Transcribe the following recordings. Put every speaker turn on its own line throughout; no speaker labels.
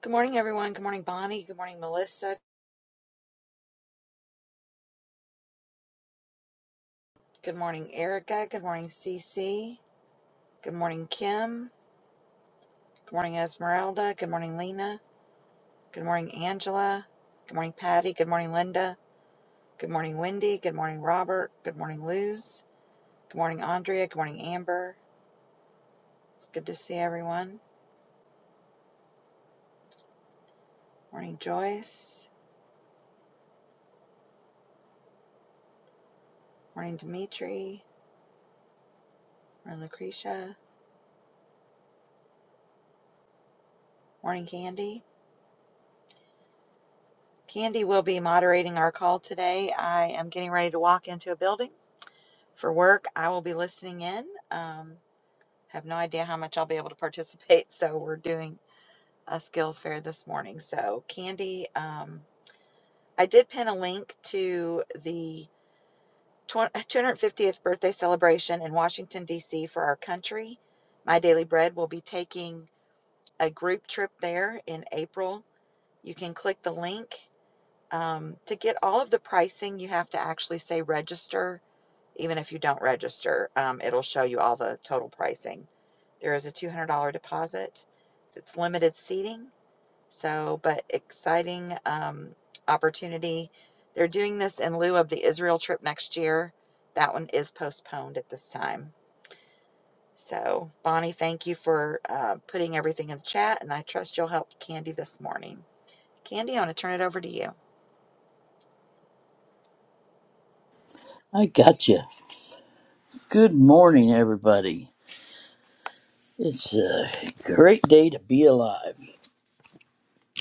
Good morning, everyone. Good morning, Bonnie. Good morning, Melissa. Good morning, Erica. Good morning, Cece. Good morning, Kim. Good morning, Esmeralda. Good morning, Lena. Good morning, Angela. Good morning, Patty. Good morning, Linda. Good morning, Wendy. Good morning, Robert. Good morning, Luz. Good morning, Andrea. Good morning, Amber. It's good to see everyone. Morning, Joyce. Morning, Dimitri. Morning, Lucretia. Morning, Candy. Candy will be moderating our call today. I am getting ready to walk into a building. for work. I will be listening in. Um, have no idea how much I'll be able to participate. So we're doing a skills fair this morning. So Candy, um, I did pin a link to the twen- 250th birthday celebration in Washington D.C. for our country. My Daily Bread will be taking a group trip there in April. You can click the link um, to get all of the pricing. You have to actually say register Even if you don't register, um, it'll show you all the total pricing. There is a $200 deposit. It's limited seating, so, but exciting um, opportunity. They're doing this in lieu of the Israel trip next year. That one is postponed at this time. So, Bonnie, thank you for uh, putting everything in the chat, and I trust you'll help Candy this morning. Candy, I want to turn it over to you.
I got you. Good morning, everybody. It's a great day to be alive.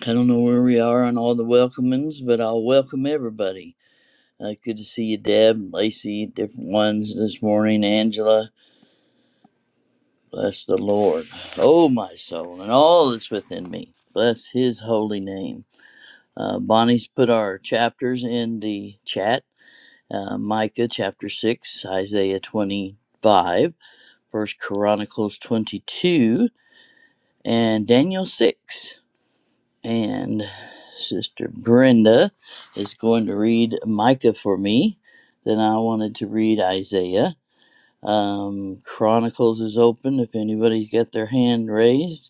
I don't know where we are on all the welcomings, but I'll welcome everybody. Uh, good to see you, Deb, Lacey, different ones this morning. Angela, bless the Lord. Oh, my soul, and all that's within me. Bless his holy name. Uh, Bonnie's put our chapters in the chat uh, Micah chapter 6, Isaiah 25, first Chronicles 22. and Daniel 6. And Sister Brenda is going to read Micah for me. Then I wanted to read Isaiah. Um, Chronicles is open if anybody's got their hand raised.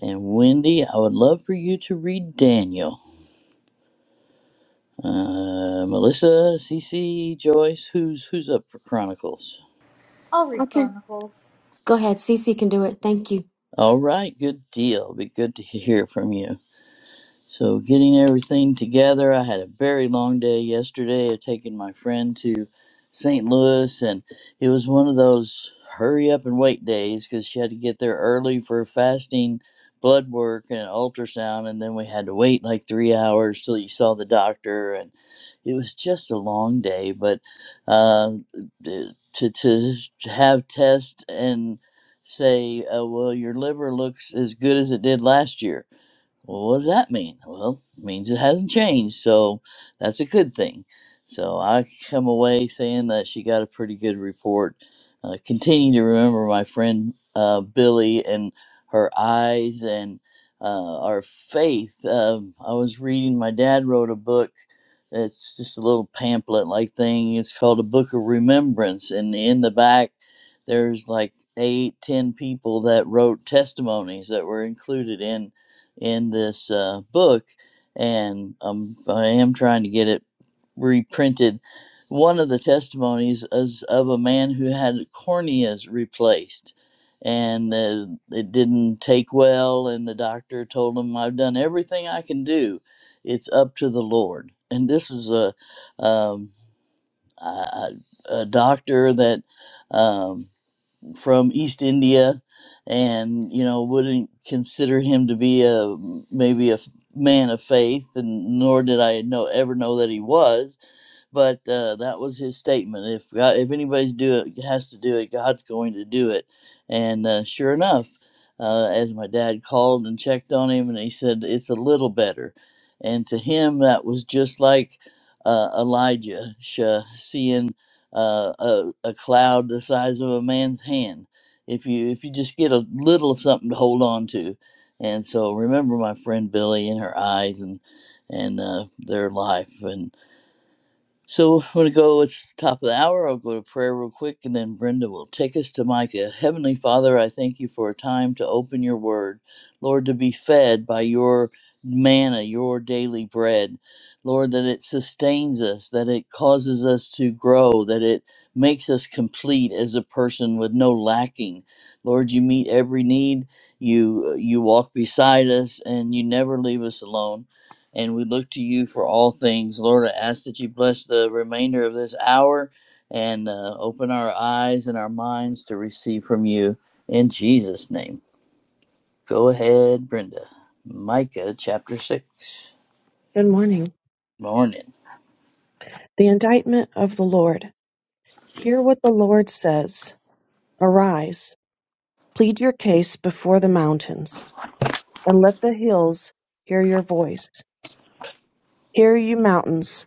And Wendy, I would love for you to read Daniel. Uh, Melissa, Cece, Joyce, who's who's up for Chronicles?
I'll read
Okay.
Chronicles.
Go ahead. Cece can do it. Thank you.
All right, good deal. Be good to hear from you. So, getting everything together, I had a very long day yesterday of taking my friend to St. Louis, and it was one of those hurry up and wait days because she had to get there early for fasting blood work and an ultrasound, and then we had to wait like three hours till you saw the doctor, and it was just a long day. But uh, d- to to have tests and say, uh, well, your liver looks as good as it did last year well, what does that mean? Well, it means it hasn't changed, so that's a good thing. So I come away saying that she got a pretty good report. Uh, continue to remember my friend uh, Billy and her eyes and uh, our faith. Um, I was reading, my dad wrote a book. It's just a little pamphlet like thing. It's called A Book of Remembrance. And in the back, there's like eight, ten people that wrote testimonies that were included in in this uh, book, and um, I am trying to get it reprinted. One of the testimonies is of a man who had corneas replaced, and uh, it didn't take well. And the doctor told him, "I've done everything I can do. It's up to the Lord." And this was a um, a, a doctor that. Um, from East India, and you know wouldn't consider him to be a maybe a man of faith, and nor did I know ever know that he was but uh, that was his statement. If God, if anybody's do it has to do it, God's going to do it. And uh, sure enough, uh, as my dad called and checked on him, and he said it's a little better. And to him, that was just like uh, Elijah sh- uh, seeing uh, a, a cloud the size of a man's hand. If you if you just get a little something to hold on to, and so remember my friend Billy and her eyes and and uh, their life and so we're going to go, it's the top of the hour. I'll go to prayer real quick, and then Brenda will take us to Micah. Heavenly Father, I thank you for a time to open your word. Lord, to be fed by your manna, your daily bread. Lord, that it sustains us, that it causes us to grow, that it makes us complete as a person with no lacking. Lord, you meet every need. You you walk beside us and you never leave us alone and we look to you for all things. Lord, I ask that you bless the remainder of this hour and uh, open our eyes and our minds to receive from you in Jesus' name. Go ahead, Brenda. Micah chapter 6.
Good morning.
Morning.
The indictment of the Lord. Hear what the Lord says. Arise, plead your case before the mountains, and let the hills hear your voice. Hear you mountains,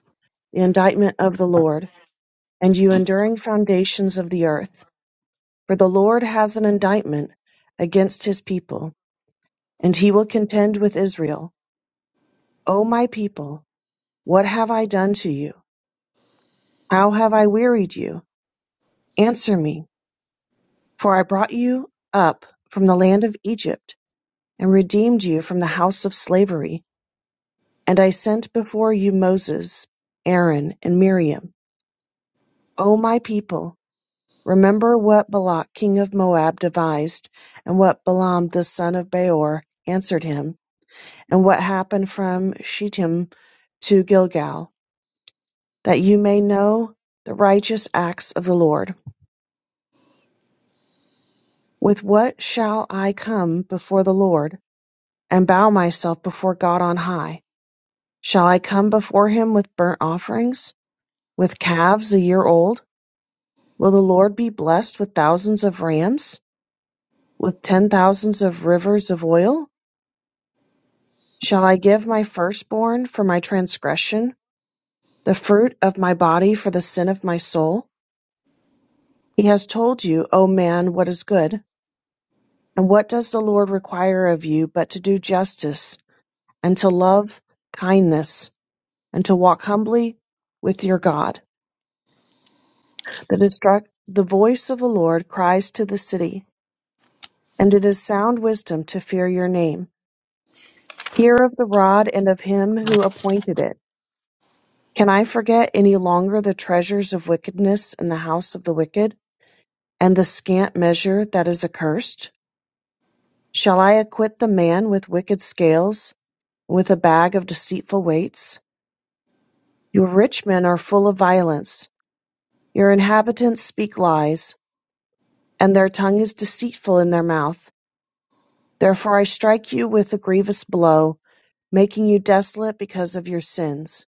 the indictment of the Lord, and you enduring foundations of the earth. For the Lord has an indictment against his people, and he will contend with Israel. O my people, what have I done to you? How have I wearied you? Answer me. For I brought you up from the land of Egypt, and redeemed you from the house of slavery. And I sent before you Moses, Aaron, and Miriam. O my people, remember what Balak king of Moab devised, and what Balaam the son of Beor answered him, and what happened from Shittim to Gilgal, that you may know the righteous acts of the Lord. With what shall I come before the Lord, and bow myself before God on high? Shall I come before him with burnt offerings, with calves a year old? Will the Lord be blessed with thousands of rams, with ten thousands of rivers of oil? Shall I give my firstborn for my transgression, the fruit of my body for the sin of my soul? He has told you, O man, what is good. And what does the Lord require of you but to do justice, and to love kindness, and to walk humbly with your God? The destruct, the voice of the Lord cries to the city, and it is sound wisdom to fear your name. Hear of the rod and of him who appointed it. Can I forget any longer the treasures of wickedness in the house of the wicked, and the scant measure that is accursed? Shall I acquit the man with wicked scales, with a bag of deceitful weights? Your rich men are full of violence, your inhabitants speak lies, and their tongue is deceitful in their mouth. Therefore I strike you with a grievous blow, making you desolate because of your sins.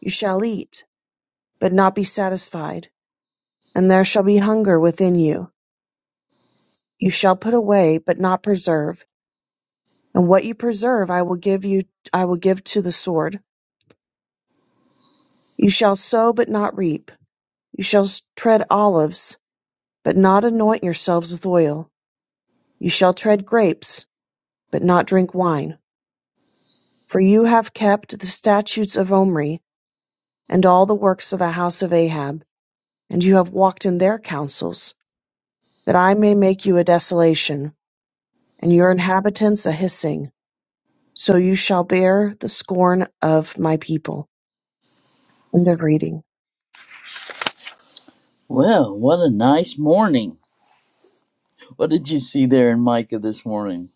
You shall eat, but not be satisfied; and there shall be hunger within you. You shall put away, but not preserve; and what you preserve I will give you I will give to the sword. You shall sow, but not reap; you shall tread olives, but not anoint yourselves with oil; you shall tread grapes, but not drink wine. For you have kept the statutes of Omri, and all the works of the house of Ahab and you have walked in their counsels, that I may make you a desolation, and your inhabitants a hissing. So you shall bear the scorn of my people. End of reading.
Well, what a nice morning. What did you see there in Micah this morning?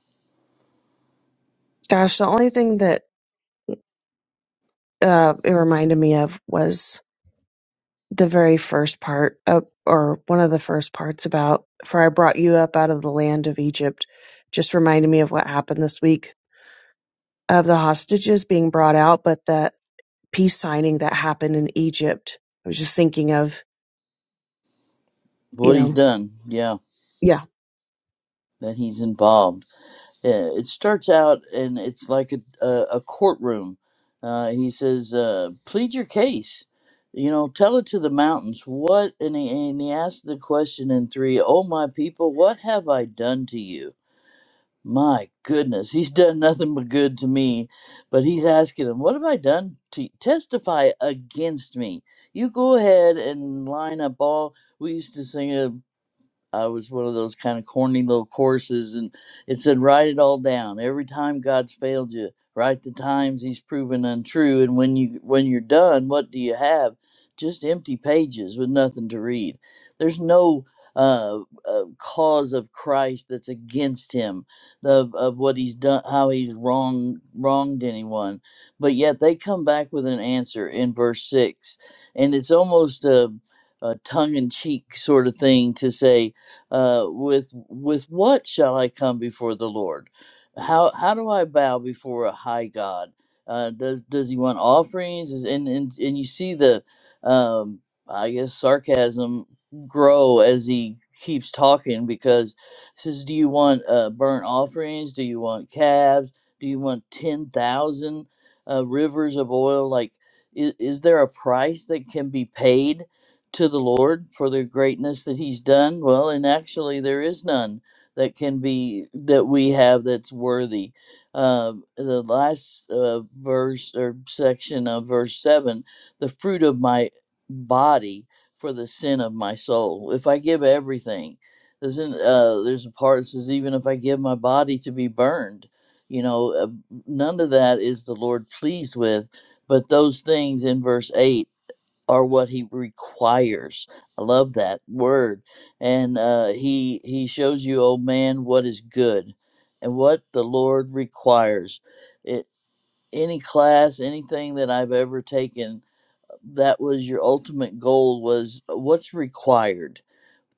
Gosh, the only thing that uh, it reminded me of was the very first part, uh, or one of the first parts about, for I brought you up out of the land of Egypt. Just reminded me of what happened this week of the hostages being brought out, but the peace signing that happened in Egypt. I was just thinking of, you
What he's
know,
done. Yeah,
yeah
that he's involved. Yeah, it starts out and it's like a a, a courtroom. Uh, he says, uh, "Plead your case. You know, tell it to the mountains. What?" And he and he asks the question in three. Oh my people, what have I done to you? My goodness, he's done nothing but good to me. But he's asking him, "What have I done to testify against me?" You go ahead and line up all. We used to sing a. I was one of those kind of corny little courses, and it said, write it all down. Every time God's failed you, write the times He's proven untrue, and when you when you're done, what do you have? Just empty pages with nothing to read. There's no uh, uh, cause of Christ that's against Him, of of what He's done, how He's wrong wronged anyone, but yet they come back with an answer in verse six, and it's almost a, a tongue in cheek sort of thing to say uh, with with what shall I come before the Lord? How how do I bow before a high God? Uh, does does he want offerings? Is, and, and and you see the um, I guess sarcasm grow as he keeps talking because he says, "Do you want uh, burnt offerings? Do you want calves? Do you want ten thousand uh, rivers of oil? Like, is, is there a price that can be paid?" to the Lord for the greatness that He's done? Well, and actually, there is none that can be that we have that's worthy. Uh, the last uh, verse or section of verse seven: the fruit of my body for the sin of my soul. If I give everything, doesn't uh, there's a part that says even if I give my body to be burned, you know, uh, none of that is the Lord pleased with. But those things in verse eight are what he requires. I love that word. And uh, he he shows you, oh man, what is good and what the Lord requires. It, any class, anything that I've ever taken, that was your ultimate goal was uh, what's required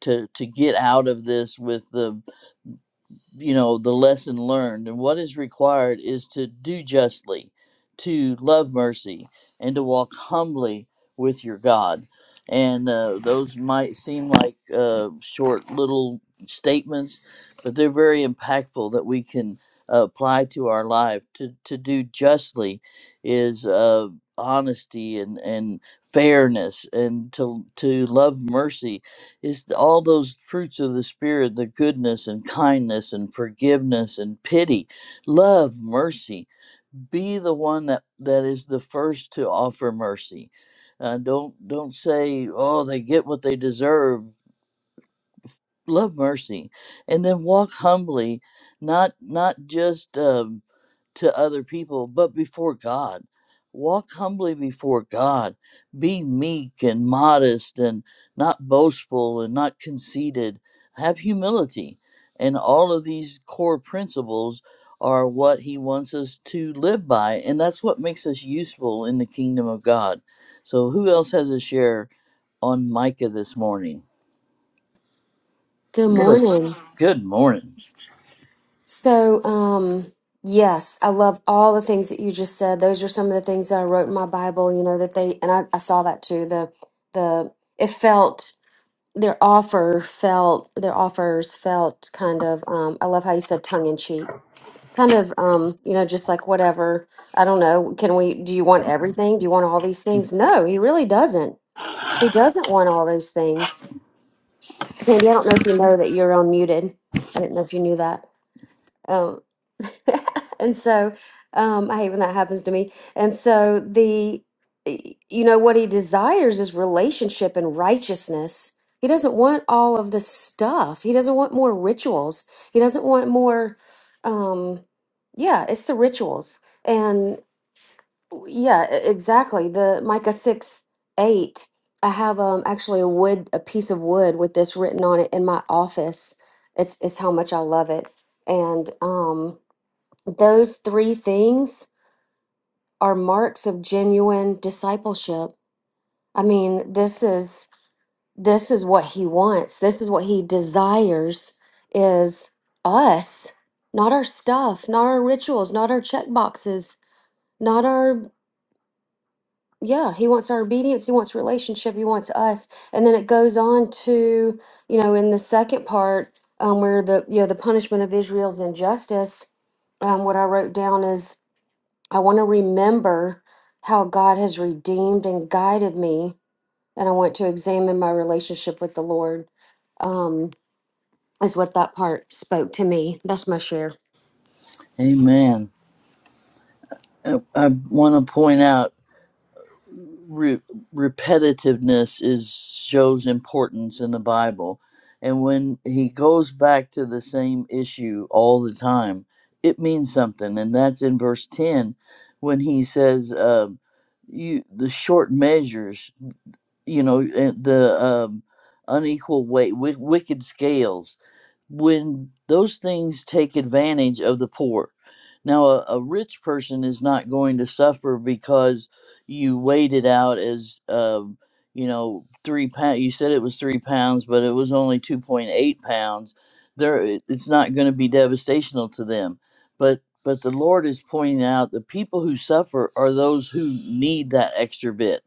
to to get out of this with the you know the lesson learned and what is required is to do justly to love mercy and to walk humbly with your god and uh, those might seem like uh, short little statements but they're very impactful that we can uh, apply to our life to, to do justly is uh, honesty and, and fairness and to to love mercy is all those fruits of the spirit the goodness and kindness and forgiveness and pity love mercy be the one that that is the first to offer mercy uh, don't don't say oh they get what they deserve love mercy and then walk humbly not not just um, to other people but before god walk humbly before god be meek and modest and not boastful and not conceited have humility and all of these core principles are what he wants us to live by and that's what makes us useful in the kingdom of god so who else has a share on micah this morning
Good
melissa
morning.
good morning
So, um, yes, I love all the things that you just said. Those are some of the things that I wrote in my Bible, you know, that they, and I, I saw that too. The, the, it felt, their offer felt, their offers felt kind of, um, I love how you said tongue in cheek, kind of, um, you know, just like whatever. I don't know. Can we, do you want everything? Do you want all these things? No, he really doesn't. He doesn't want all those things Candy, I don't know if you know that you're unmuted. I didn't know if you knew that. Um, and so um, I hate when that happens to me. And so the, you know, what he desires is relationship and righteousness. He doesn't want all of the stuff. He doesn't want more rituals. He doesn't want more. Um, yeah, it's the rituals. Yeah, e- exactly. The Micah 6 8. I have um actually a wood, a piece of wood with this written on it in my office. It's it's how much I love it. And um those three things are marks of genuine discipleship. I mean, this is this is what he wants. This is what he desires is us, not our stuff, not our rituals, not our check boxes, not our Yeah, he wants our obedience, he wants relationship, he wants us. And then it goes on to, you know, in the second part, um, where the you know, the punishment of Israel's injustice, um, what I wrote down is I want to remember how God has redeemed and guided me, and I want to examine my relationship with the Lord. Um, is what that part spoke to me. That's my share.
Amen. I, I want to point out re- repetitiveness is shows importance in the Bible, and when he goes back to the same issue all the time, it means something, and that's in verse ten when he says, um "You the short measures, you know, and the um, unequal weight, wi- wicked scales." when those things take advantage of the poor. Now, a, a rich person is not going to suffer because you weighed it out as, um, you know, three pounds. You said it was three pounds, but it was only 2.8 pounds. There, it- it's not going to be devastational to them. But but the Lord is pointing out the people who suffer are those who need that extra bit.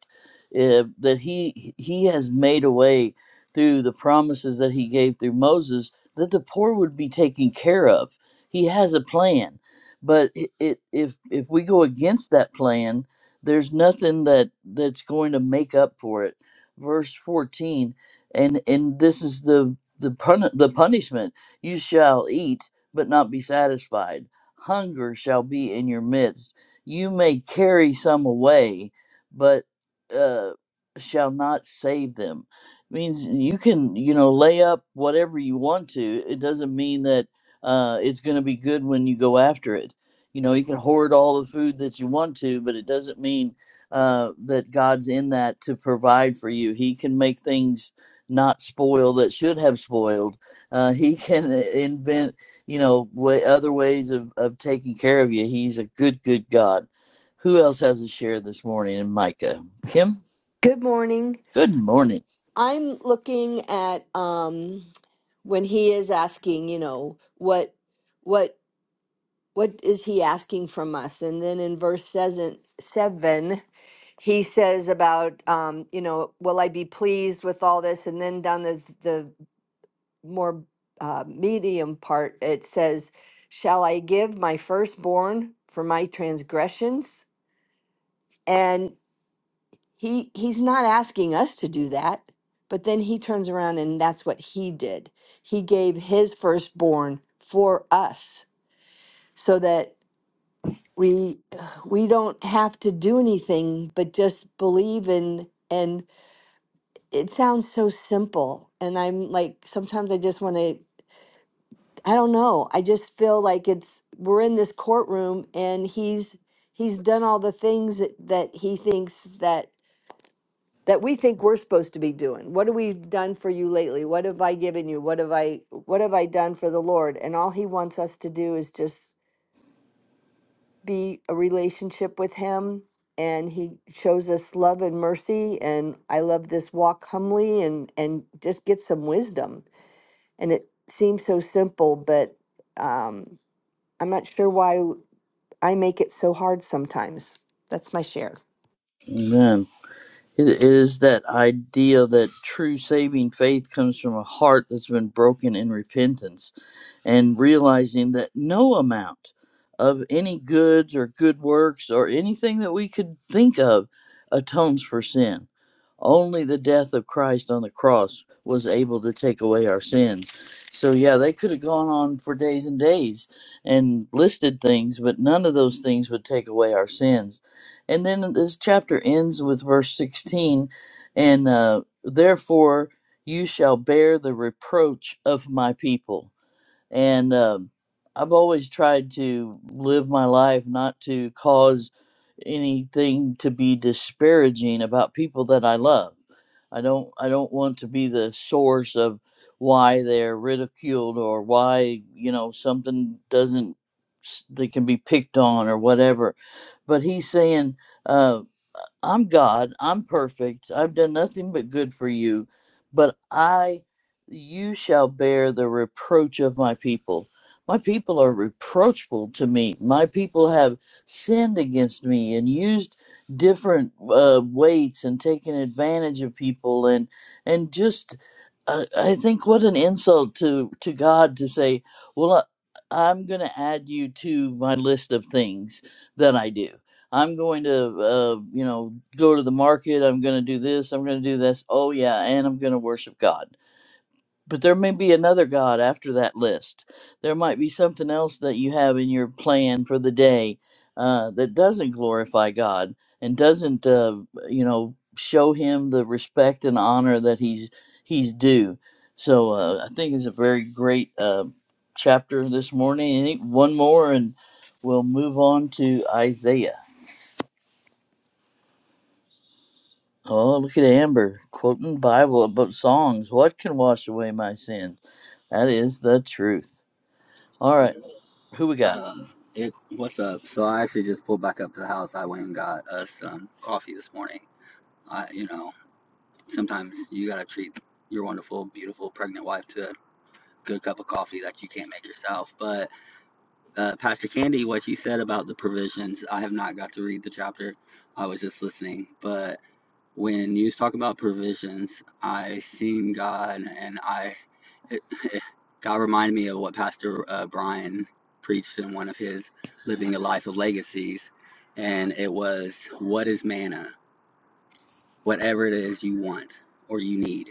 If, that he he has made a way through the promises that he gave through Moses that the poor would be taken care of. He has a plan, but i- it, if if we go against that plan, there's nothing that that's going to make up for it. Verse 14, and and this is the the pun- the punishment: you shall eat, but not be satisfied. Hunger shall be in your midst. You may carry some away, but uh, shall not save them means you can you know lay up whatever you want to it doesn't mean that uh, it's going to be good when you go after it you know you can hoard all the food that you want to but it doesn't mean uh, that god's in that to provide for you he can make things not spoil that should have spoiled uh, he can invent you know way, other ways of, of taking care of you he's a good good god who else has a share this morning in micah kim
Good morning.
good morning
I'm looking at um when he is asking, you know, what what what is he asking from us? And then in verse seven, seven he says about um, you know, will I be pleased with all this? And then down the the more uh, medium part, it says, "Shall I give my firstborn for my transgressions?" He he's not asking us to do that. But then he turns around and that's what he did. He gave his firstborn for us so that we we don't have to do anything but just believe in and it sounds so simple and I'm like sometimes I just want to I don't know. I just feel like it's we're in this courtroom and he's he's done all the things that, that he thinks that that we think we're supposed to be doing. What have we done for you lately? What have I given you? What have I what have I done for the Lord? And all he wants us to do is just be a relationship with him and he shows us love and mercy and I love this walk humbly and and just get some wisdom. And it seems so simple, but um I'm not sure why I make it so hard sometimes. That's my share.
Amen. It is that idea that true saving faith comes from a heart that's been broken in repentance and realizing that no amount of any goods or good works or anything that we could think of atones for sin. Only the death of Christ on the cross was able to take away our sins. So, yeah, they could have gone on for days and days and listed things, but none of those things would take away our sins. And then this chapter ends with verse 16 and uh, therefore you shall bear the reproach of my people and um I've always tried to live my life not to cause anything to be disparaging about people that I love. I don't I don't want to be the source of why they're ridiculed or why you know something doesn't s- they can be picked on or whatever. But he's saying. uh, I'm God, I'm perfect, I've done nothing but good for you, but I, you shall bear the reproach of my people. My people are reproachful to me. My people have sinned against me and used different uh, weights and taken advantage of people and and just uh, I think what an insult to to God to say, well, I, I'm going to add you to my list of things that I do I'm going to, uh, you know, go to the market. I'm going to do this. I'm going to do this. Oh, yeah. And I'm going to worship God. But there may be another God after that list. There might be something else that you have in your plan for the day uh, that doesn't glorify God and doesn't, uh, you know, show Him the respect and honor that He's He's due. So uh, I think it's a very great uh, chapter this morning. Any- One more, and we'll move on to Isaiah. Oh, look at Amber quoting the Bible about songs. What can wash away my sins? That is the truth. All right,
Yeah.
who we got?
Um, it, what's up? So I actually just pulled back up to the house. I went and got us some coffee this morning. I, you know, sometimes you gotta treat your wonderful, beautiful, pregnant wife to a good cup of coffee that you can't make yourself. But uh, Pastor Candy, what she said about the provisions, I have not got to read the chapter. I was just listening, but. When you talk about provisions, I seen God, and I it, it, God reminded me of what Pastor uh, Brian preached in one of his Living a Life of Legacies. And it was, What is manna? Whatever it is you want or you need.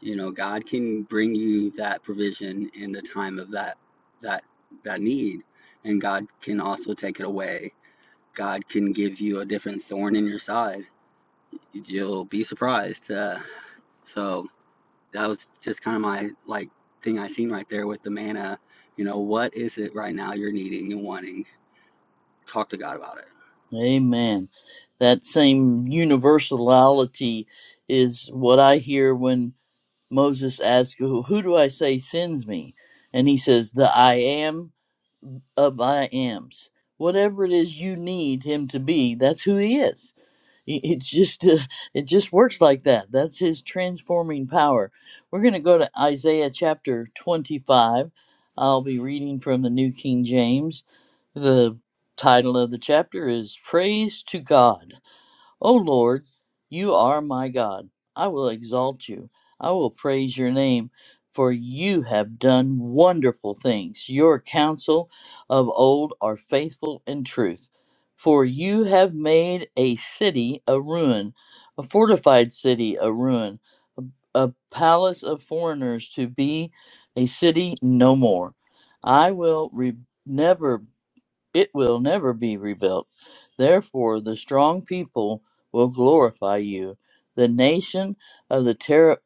You know, God can bring you that provision in the time of that that that need. And God can also take it away. God can give you a different thorn in your side. You'll be surprised. Uh, so that was just kind of my like thing I seen right there with the manna. You know, what is it right now you're needing and wanting? Talk to God about it.
Amen. That same universality is what I hear when Moses asks, "Who who do I say sends me?" And he says, "The I am of I ams." Whatever it is you need him to be, that's who he is It it just uh, it just works like that. That's his transforming power. We're going to go to Isaiah chapter 25. I'll be reading from the New King James. The title of the chapter is Praise to God. O Lord, you are my God. I will exalt you. I will praise your name, for you have done wonderful things. Your counsel of old are faithful and truth. For you have made a city a ruin, a fortified city a ruin, a palace of foreigners to be a city no more. I will re- never it will never be rebuilt. Therefore, the strong people will glorify you. The nation of the ter,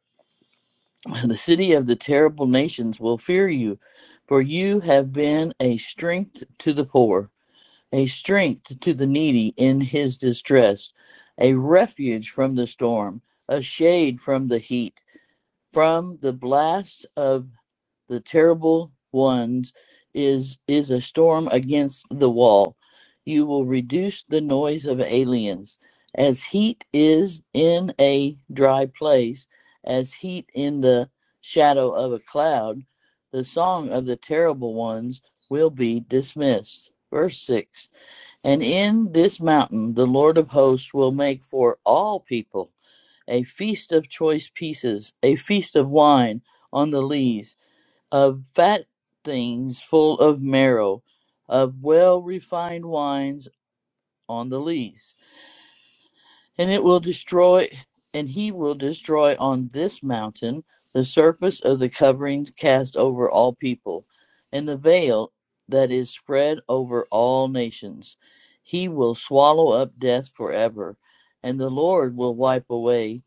the city of the terrible nations will fear you, for you have been a strength to the poor, a strength to the needy in his distress, a refuge from the storm, a shade from the heat from the blast of the terrible ones is is a storm against the wall. You will reduce the noise of aliens, as heat is in a dry place, as heat in the shadow of a cloud. The song of the terrible ones will be dismissed. Verse 6 And in this mountain the Lord of hosts will make for all people a feast of choice pieces, a feast of wine on the lees, of fat things full of marrow, of well refined wines on the lees. And it will destroy, and he will destroy on this mountain the surface of the coverings cast over all people, and the veil that is spread over all nations. He will swallow up death forever, and the Lord will wipe away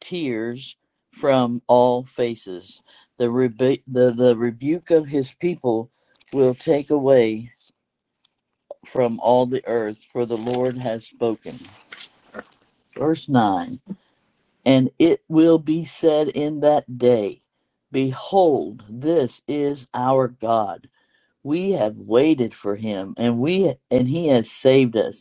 tears from all faces. The, rebu- the, the rebuke of his people will take away from all the earth, for the Lord has spoken. Verse 9 And it will be said in that day, Behold, this is our God. We have waited for him, and we and he has saved us.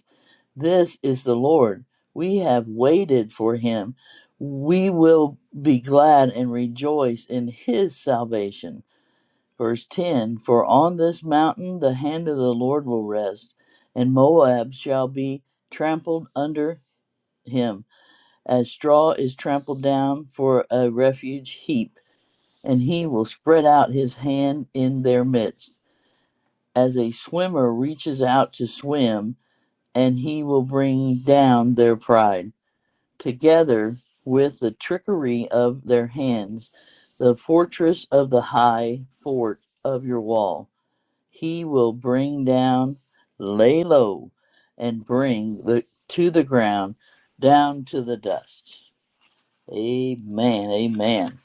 This is the Lord. We have waited for him. We will be glad and rejoice in his salvation. Verse 10 For on this mountain the hand of the Lord will rest, and Moab shall be trampled under him, as straw is trampled down for a refuge heap, and he will spread out his hand in their midst. As a swimmer reaches out to swim, and he will bring down their pride together with the trickery of their hands, the fortress of the high fort of your wall. He will bring down, lay low, and bring the to the ground, down to the dust. Amen. Amen.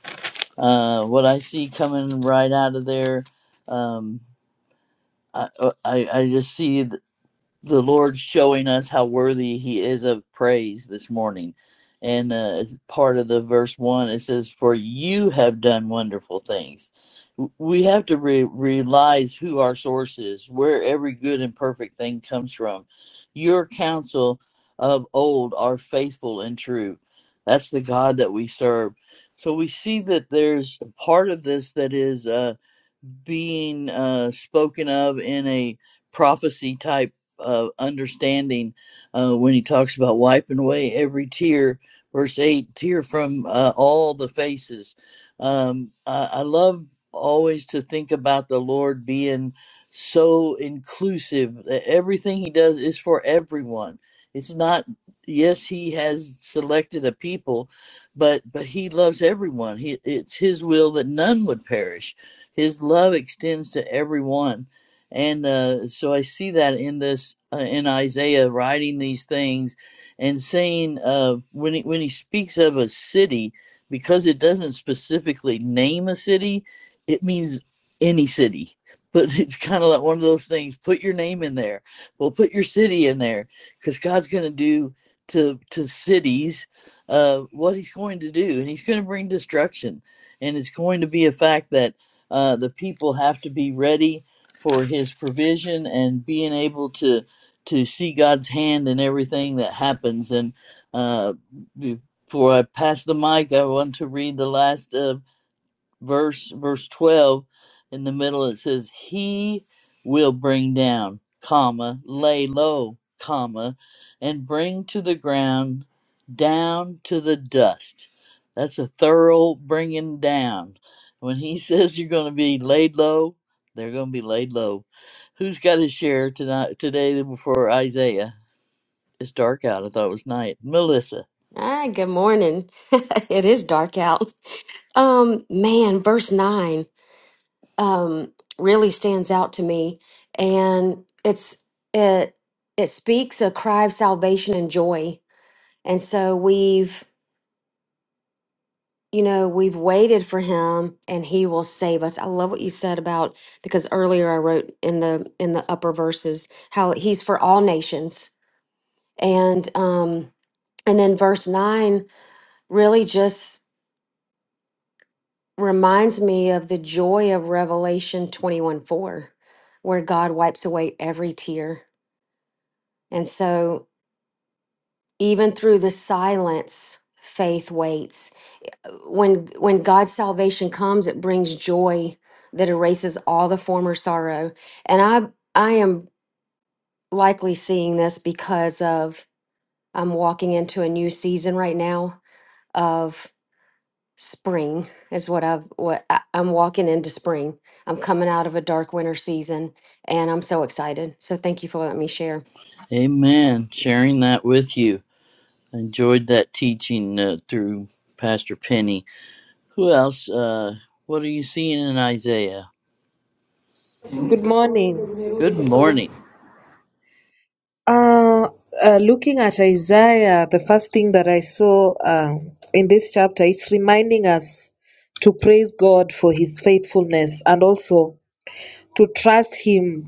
Uh, what I see coming right out of there, um, I, uh, I I just see the Lord showing us how worthy He is of praise this morning. And uh, part of the verse one, it says, "For you have done wonderful things." We have to re- realize who our source is, where every good and perfect thing comes from. Your counsel of old are faithful and true. That's the God that we serve. So we see that there's a part of this that is. Uh, being uh, spoken of in a prophecy type uh, understanding uh, when he talks about wiping away every tear, verse 8, tear from uh, all the faces. Um, I, I love always to think about the Lord being so inclusive. Everything he does is for everyone. It's not, yes, he has selected a people, but but he loves everyone. He, it's his will that none would perish his love extends to everyone. And uh, so I see that in this uh, in Isaiah writing these things and saying uh, when he, when he speaks of a city, because it doesn't specifically name a city, it means any city. But it's kind of like one of those things. Put your name in there. Well, put your city in there, because God's going to do to to cities uh, what He's going to do, and He's going to bring destruction. And it's going to be a fact that uh, the people have to be ready for His provision and being able to to see God's hand in everything that happens. And uh, before I pass the mic, I want to read the last. uh, verse verse 12 in the middle it says he will bring down comma lay low comma and bring to the ground down to the dust that's a thorough bringing down when he says you're going to be laid low they're going to be laid low who's got his share tonight today before isaiah it's dark out i thought it was night melissa
Ah, good morning. it is dark out. Um, man, verse nine. um, really stands out to me, and it's it it speaks a cry of salvation and joy. And so we've you know we've waited for him, and he will save us. I love what you said about because earlier I wrote in the in the upper verses how he's for all nations, and um, and then verse nine really just reminds me of the joy of Revelation twenty one four, where God wipes away every tear And so even through the silence, faith waits. Uh, When when God's salvation comes, it brings joy that erases all the former sorrow. And I I am likely seeing this because of I'm walking into a new season right now of spring is what I've what I- I'm walking into spring. I'm coming out of a dark winter season and I'm so excited. So thank you for letting me share.
amen sharing that with you enjoyed that teaching uh, through Pastor Penny. Who else? Uh, what are you seeing in Isaiah?
Good morning.
Good morning.
Uh, uh, looking at Isaiah, the first thing that I saw uh, in this chapter, it's reminding us to praise God for his faithfulness and also to trust Him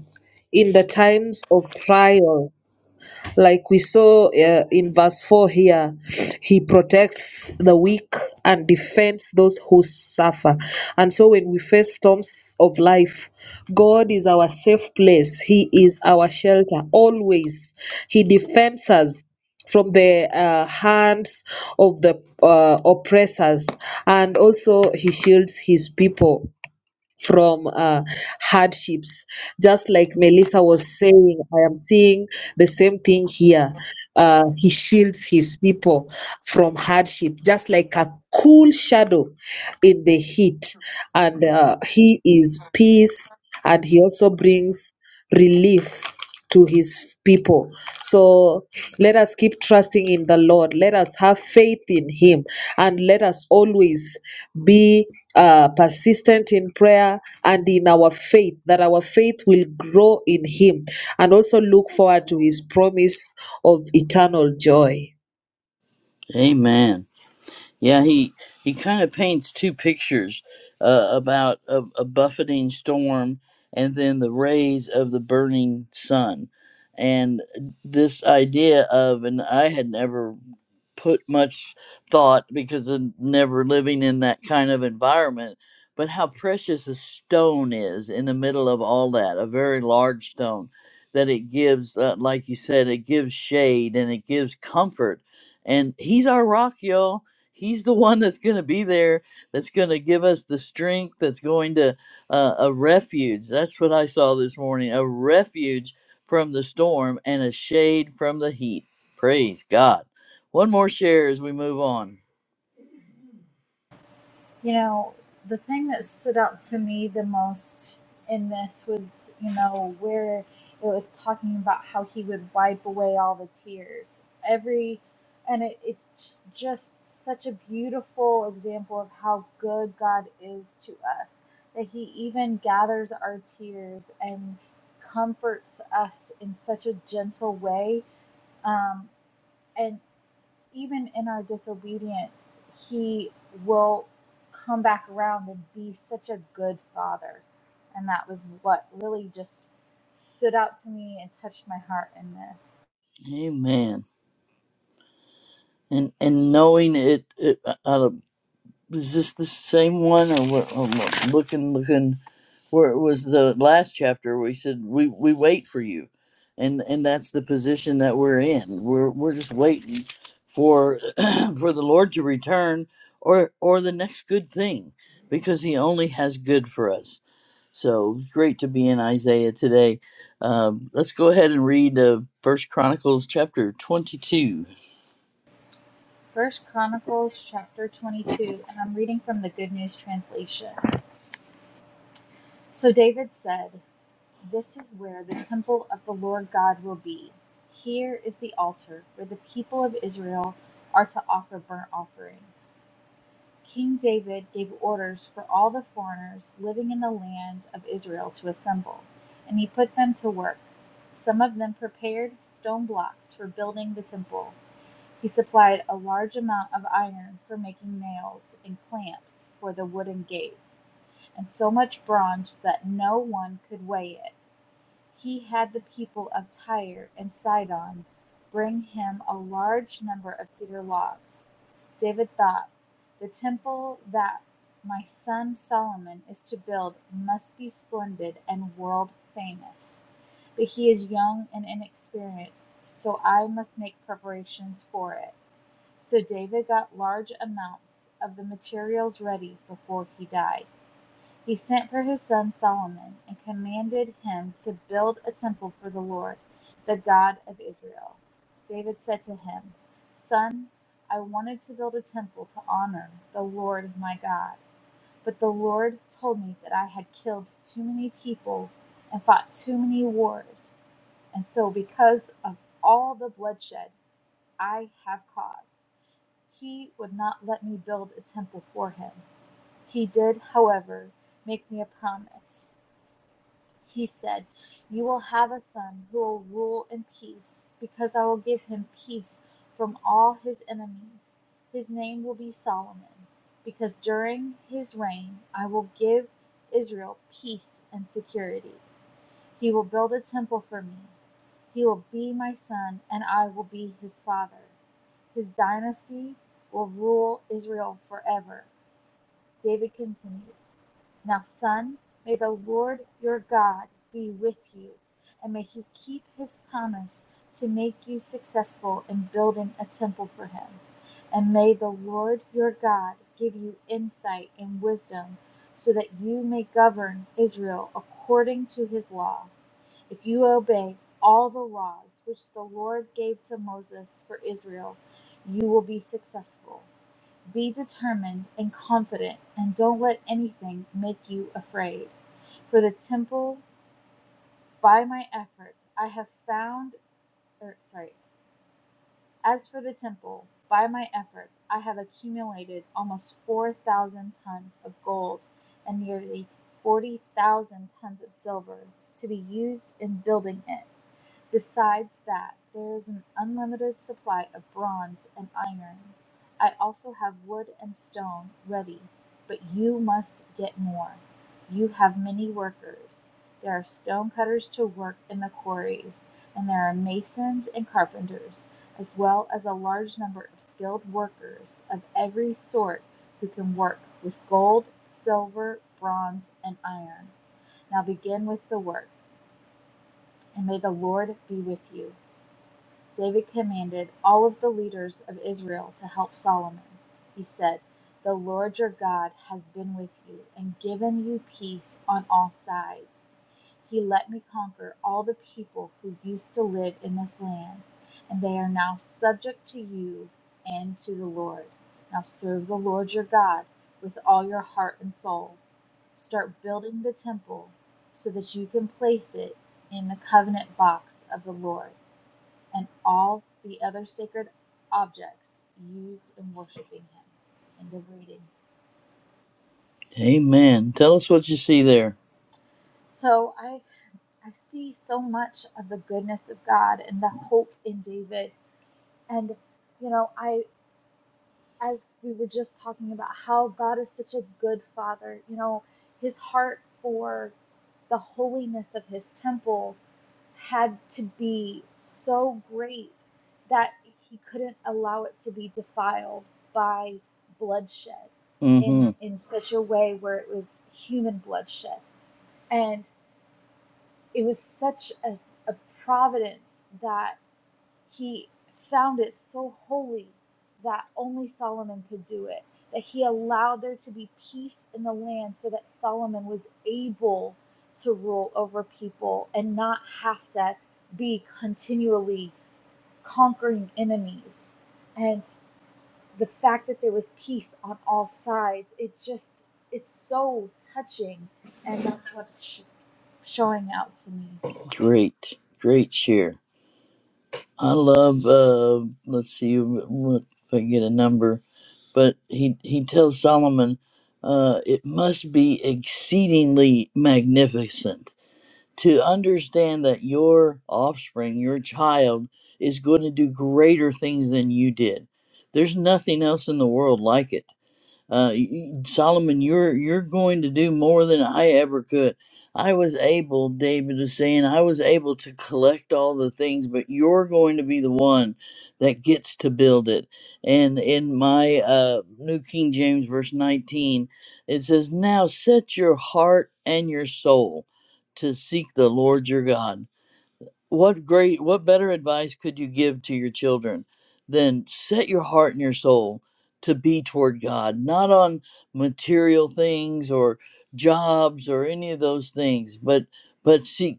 in the times of trials. Like we saw uh, in verse 4 here, He protects the weak and defends those who suffer. And so when we face storms of life, God is our safe place, He is our shelter always. He defends us from the uh, hands of the uh, oppressors and also he shields his people from uh, hardships. Just like Melissa was saying, I am seeing the same thing here. Uh, he shields his people from hardship, just like a cool shadow in the heat. And uh, he is peace, and he also brings relief to his people. So let us keep trusting in the Lord. Let us have faith in him and let us always be uh, persistent in prayer and in our faith, that our faith will grow in him and also look forward to his promise of eternal joy.
Amen. Yeah, he he kind of paints two pictures uh, about a, a buffeting storm and then the rays of the burning sun, and this idea of and I had never put much thought because of never living in that kind of environment. But how precious a stone is in the middle of all that, a very large stone that it gives, uh, like you said, it gives shade and it gives comfort. And he's our rock, y'all. He's the one that's going to be there, that's going to give us the strength, that's going to uh, a refuge. That's what I saw this morning a refuge from the storm and a shade from the heat. Praise God. One more share as we move on.
You know, the thing that stood out to me the most in this was, you know, where it was talking about how he would wipe away all the tears. Every, and it, it's just such a beautiful example of how good God is to us, that he even gathers our tears and comforts us in such a gentle way. Um, and even in our disobedience, he will come back around and be such a good father. And that was what really just stood out to me and touched my heart in this.
Amen. And and knowing it, it uh, out of is this the same one or what? or what- looking looking where it was the last chapter we said we we wait for you, and and that's the position that we're in. We're we're just waiting for for the Lord to return or or the next good thing because He only has good for us. So great to be in Isaiah today. Um, let's go ahead and read uh, First Chronicles chapter twenty-two.
First Chronicles chapter 22, and I'm reading from the Good News translation. So David said, "This is where the temple of the Lord God will be. Here is the altar where the people of Israel are to offer burnt offerings." King David gave orders for all the foreigners living in the land of Israel to assemble, and he put them to work. Some of them prepared stone blocks for building the Temple. He supplied a large amount of iron for making nails and clamps for the wooden gates, and so much bronze that no one could weigh it. He had the people of Tyre and Sidon bring him a large number of cedar logs. David thought, The temple that my son Solomon is to build must be splendid and world famous. But he is young and inexperienced, so I must make preparations for it. So David got large amounts of the materials ready before he died. He sent for his son Solomon, and commanded him to build a temple for the Lord, the God of Israel. David said to him, Son, I wanted to build a temple to honor the Lord my God, but the Lord told me that I had killed too many people and fought too many wars, and so because of all the bloodshed I have caused, he would not let me build a temple for him. He did, however, make me a promise. He said, You will have a son who will rule in peace, because I will give him peace from all his enemies. His name will be Solomon, because during his reign I will give Israel peace and security. He will build a temple for me. He will be my son, and I will be his father. His dynasty will rule Israel forever. David continued. Now, son, may the Lord your God be with you, and may he keep his promise to make you successful in building a temple for him. And may the Lord your God give you insight and wisdom so that you may govern Israel according to his law. If you obey all the laws which the Lord gave to Moses for Israel, you will be successful. Be determined and confident, and don't let anything make you afraid. For the temple, by my efforts, I have found, or sorry, as for the temple, by my efforts, I have accumulated almost 4,000 tons of gold and nearly 40,000 tons of silver to be used in building it. Besides that, there is an unlimited supply of bronze and iron. I also have wood and stone ready, but you must get more. You have many workers. There are stone cutters to work in the quarries, and there are masons and carpenters, as well as a large number of skilled workers of every sort who can work with gold, silver, bronze, and iron. Now begin with the work, and may the Lord be with you. David commanded all of the leaders of Israel to help Solomon. He said, The Lord your God has been with you and given you peace on all sides. He let me conquer all the people who used to live in this land, and they are now subject to you and to the Lord. Now serve the Lord your God with all your heart and soul. Start building the temple so that you can place it in the covenant box of the Lord and all the other sacred objects used in worshiping him. End of reading.
Amen. Tell us what you see there.
So I I see so much of the goodness of God and the hope in David. And you know, I as we were just talking about how God is such a good father, you know, his heart for the holiness of his temple had to be so great that he couldn't allow it to be defiled by bloodshed in
Mm-hmm.
in such a way where it was human bloodshed and it was such a, a providence that he found it so holy that only Solomon could do it, that he allowed there to be peace in the land so that Solomon was able to rule over people and not have to be continually conquering enemies. And the fact that there was peace on all sides, it just, it's so touching. And that's what's sh- showing out to me.
Great, great share. I love. Uh, let's see what- if I can get a number, but he he tells Solomon, uh, it must be exceedingly magnificent to understand that your offspring, your child, is going to do greater things than you did. There's nothing else in the world like it uh, Solomon, you're you're going to do more than I ever could. I was able, David is saying, I was able to collect all the things, but you're going to be the one that gets to build it. And in my uh, New King James, verse 19, it says, "Now set your heart and your soul to seek the Lord your God." what great what better advice could you give to your children than set your heart and your soul to be toward god not on material things or jobs or any of those things but but seek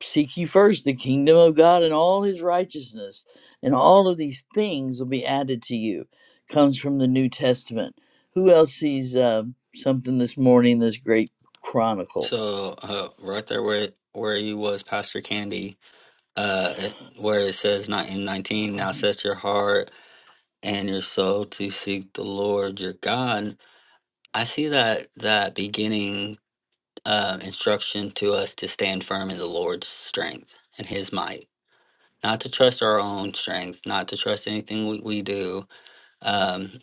seek ye first the kingdom of god and all his righteousness and all of these things will be added to you comes from the new testament who else sees uh, something this morning this great chronicle
So, uh, right there where where you was, Pastor Candy, uh, it- where it says not in nineteen, now set your heart and your soul to seek the Lord your God. I see that that beginning uh, instruction to us to stand firm in the Lord's strength and His might, not to trust our own strength, not to trust anything we, we do. Um,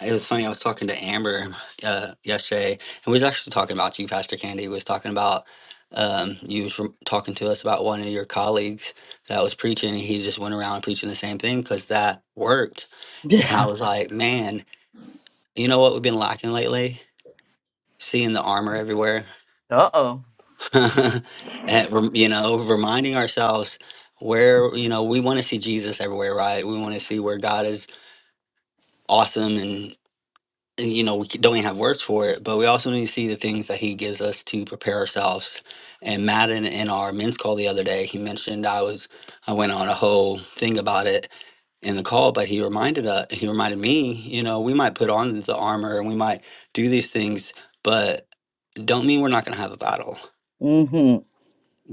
it was funny. I was talking to Amber uh, yesterday, and we was actually talking about you, Pastor Candy. We was talking about um, you was rem- talking to us about one of your colleagues that was preaching, and he just went around preaching the same thing because that worked. And I was like, man, you know what we've been lacking lately? seeing the armor everywhere
uh-oh
and rem- you know reminding ourselves where you know we want to see jesus everywhere right we want to see where god is awesome and and, you know we c- don't even have words for it but we also need to see the things that he gives us to prepare ourselves and madden in our men's call the other day he mentioned i was i went on a whole thing about it in the call, but he reminded us, he reminded me, you know, we might put on the armor and we might do these things, but don't mean we're not going to have a battle.
mm-hmm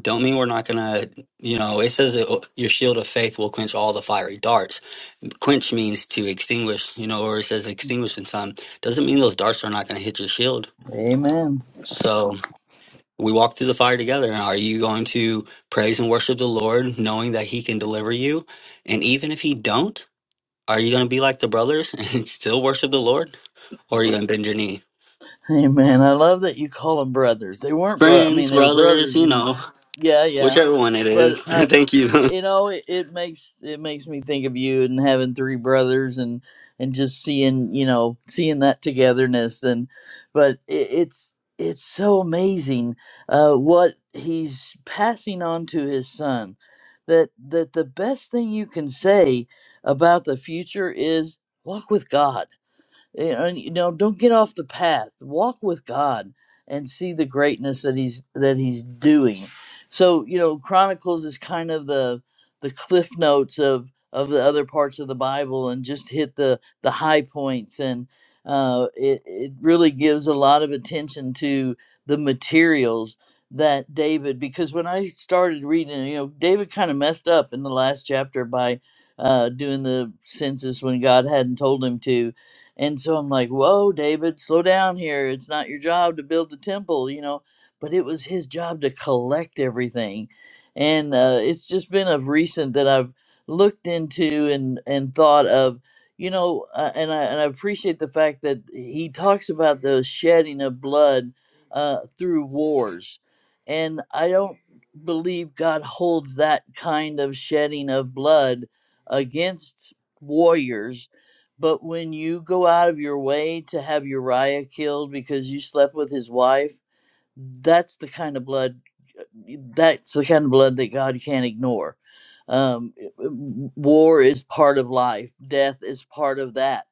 don't mean we're not gonna you know it says that oh, your shield of faith will quench all the fiery darts quench means to extinguish you know or it says extinguish in some doesn't mean those darts are not gonna hit your shield
amen
so we walk through the fire together are you going to praise and worship the lord knowing that he can deliver you and even if he don't are you gonna be like the brothers and still worship the lord or are you gonna bend your knee
Amen. I love that you call them brothers. They weren't bro. I
friends
mean, they were
brothers
brothers,
you
and
know
yeah, yeah.
whichever one it
But
is
uh,
thank you
you know, it, it makes it makes me think of you and having three brothers, and and just seeing you know seeing that togetherness. And but it, it's it's so amazing uh, what he's passing on to his son. That that the best thing you can say about the future is walk with God you know, you know, don't get off the path walk with god and see the greatness that he's that he's doing so you know chronicles is kind of the the cliff notes of of the other parts of the bible and just hit the the high points and uh it, it really gives a lot of attention to the materials that david because when i started reading you know david kind of messed up in the last chapter by uh doing the census when god hadn't told him to and so I'm like, whoa, David, slow down here. It's not your job to build the temple, you know, but it was his job to collect everything. And uh, it's just been of recent that I've looked into and, and thought of, you know, uh, and, I, and I appreciate the fact that he talks about the shedding of blood uh, through wars. And I don't believe God holds that kind of shedding of blood against warriors but when you go out of your way to have Uriah killed because you slept with his wife, that's the kind of blood. That's the kind of blood that God can't ignore. Um, war is part of life. Death is part of that.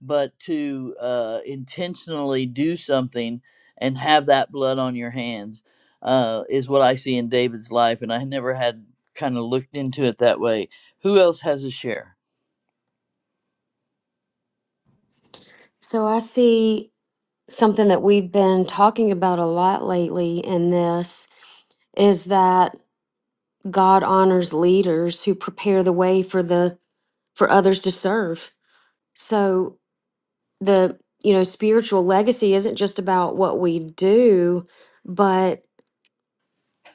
But to uh, intentionally do something and have that blood on your hands uh, is what I see in David's life, and I never had kind of looked into it that way. Who else has a share?
So I see something that we've been talking about a lot lately in this is that God honors leaders who prepare the way for the for others to serve. So the you know spiritual legacy isn't just about what we do, but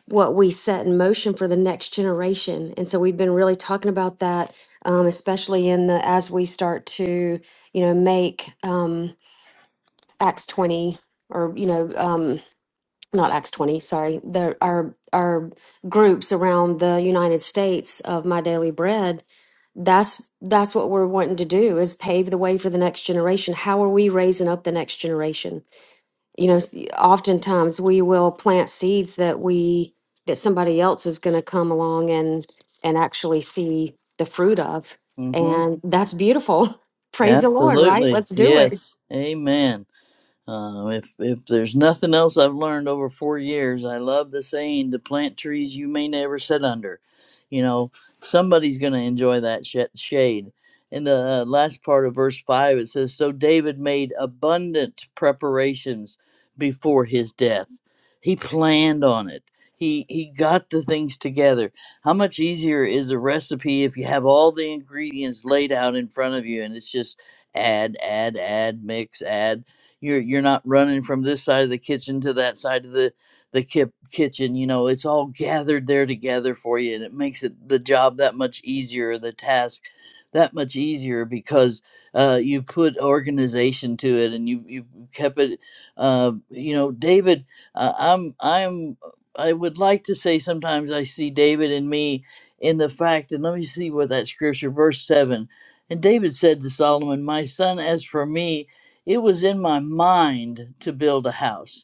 what we set in motion for the next generation. And so we've been really talking about that, um, especially in the as we start to you know make um, Acts twenty or you know. Um, not Acts 20, sorry, there are are groups around the United States of My Daily Bread. That's that's what we're wanting to do is pave the way for the next generation. How are we raising up the next generation? You know, s- oftentimes we will plant seeds that we that somebody else is going to come along and and actually see the fruit of.
Mm-hmm.
And that's beautiful. Praise the Lord, right?
Absolutely.
Let's do it.
Yes. Amen. Uh, if if there's nothing else I've learned over four years, I love the saying to plant trees you may never sit under. You know, somebody's going to enjoy that sh- shade. In the uh, last part of verse 5, it says, So David made abundant preparations before his death. He planned on it, he, he got the things together. How much easier is a recipe if you have all the ingredients laid out in front of you and it's just add, add, add, mix, add? you're you're not running from this side of the kitchen to that side of the the kip kitchen you know it's all gathered there together for you and it makes it the job that much easier the task that much easier because uh, you put organization to it and you you kept it uh, you know david uh, i'm i'm i would like to say sometimes i see david and me in the fact and let me see what that scripture verse 7 and david said to solomon my son as for me it was in my mind to build a house.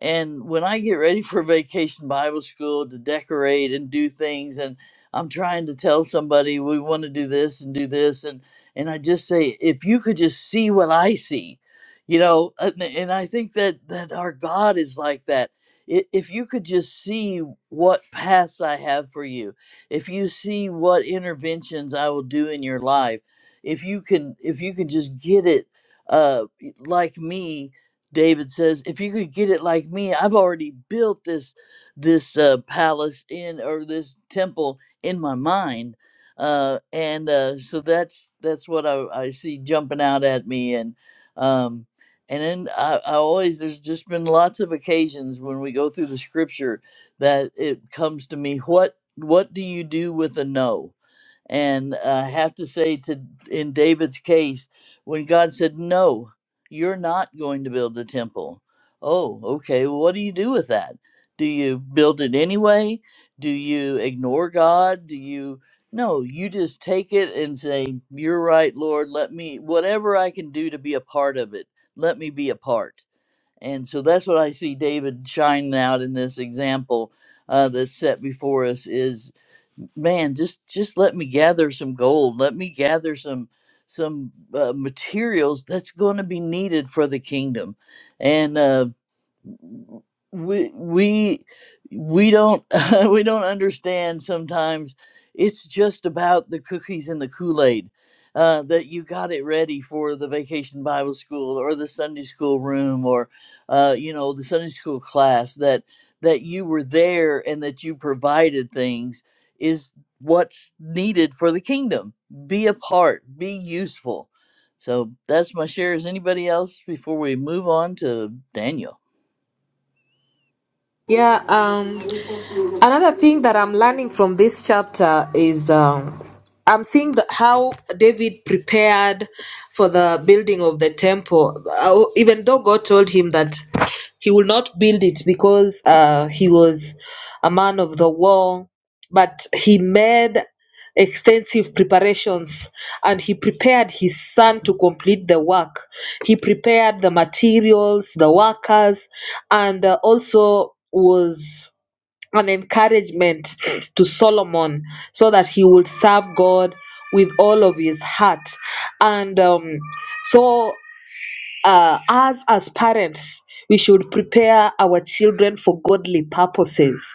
And when I get ready for vacation Bible school to decorate and do things, and I'm trying to tell somebody we want to do this and do this, and and I just say, if you could just see what I see, you know, and, and I think that that our God is like that. I- If you could just see what paths I have for you, if you see what interventions I will do in your life, if you can, if you can just get it, uh, like me, David says, "If you could get it like me, I've already built this this uh, palace in or this temple in my mind." Uh, and uh, so that's that's what I, I see jumping out at me, and um, and then I, I always there's just been lots of occasions when we go through the scripture that it comes to me. What what do you do with a no? And I have to say to in David's case, when God said no, you're not going to build a temple. Oh, okay. Well, what do you do with that? Do you build it anyway? Do you ignore God? Do you. No, you just take it and say, You're right, Lord. Let me, whatever I can do to be a part of it, let me be a part. And so that's what I see David shining out in this example uh, that's set before us is man just just let me gather some gold let me gather some some uh, materials that's going to be needed for the kingdom and uh, we we we don't we don't understand sometimes it's just about the cookies and the kool-aid uh, that you got it ready for the vacation bible school or the sunday school room or uh, you know the sunday school class that that you were there and that you provided things is what's needed for the kingdom be a part be useful so that's my share is anybody else before we move on to daniel
Yeah, um, another thing that I'm learning from this chapter is um, I'm seeing the, how David prepared for the building of the temple, uh, even though God told him that he will not build it because uh, he was a man of the war, but he made extensive preparations and he prepared his son to complete the work. He prepared the materials, the workers, and uh, also was an encouragement to Solomon so that he would serve God with all of his heart. And um, so uh, us as parents, we should prepare our children for godly purposes,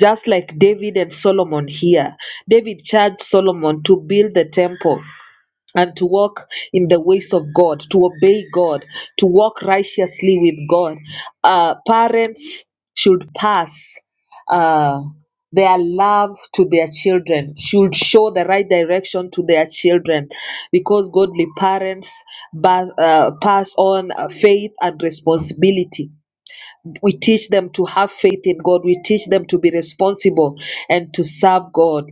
just like David and Solomon here. David charged Solomon to build the temple, and to walk in the ways of God, to obey God, to walk righteously with God. Uh, parents should pass uh, their love to their children, should show the right direction to their children, because godly parents ba- uh, pass on uh, faith and responsibility. We teach them to have faith in God, we teach them to be responsible and to serve God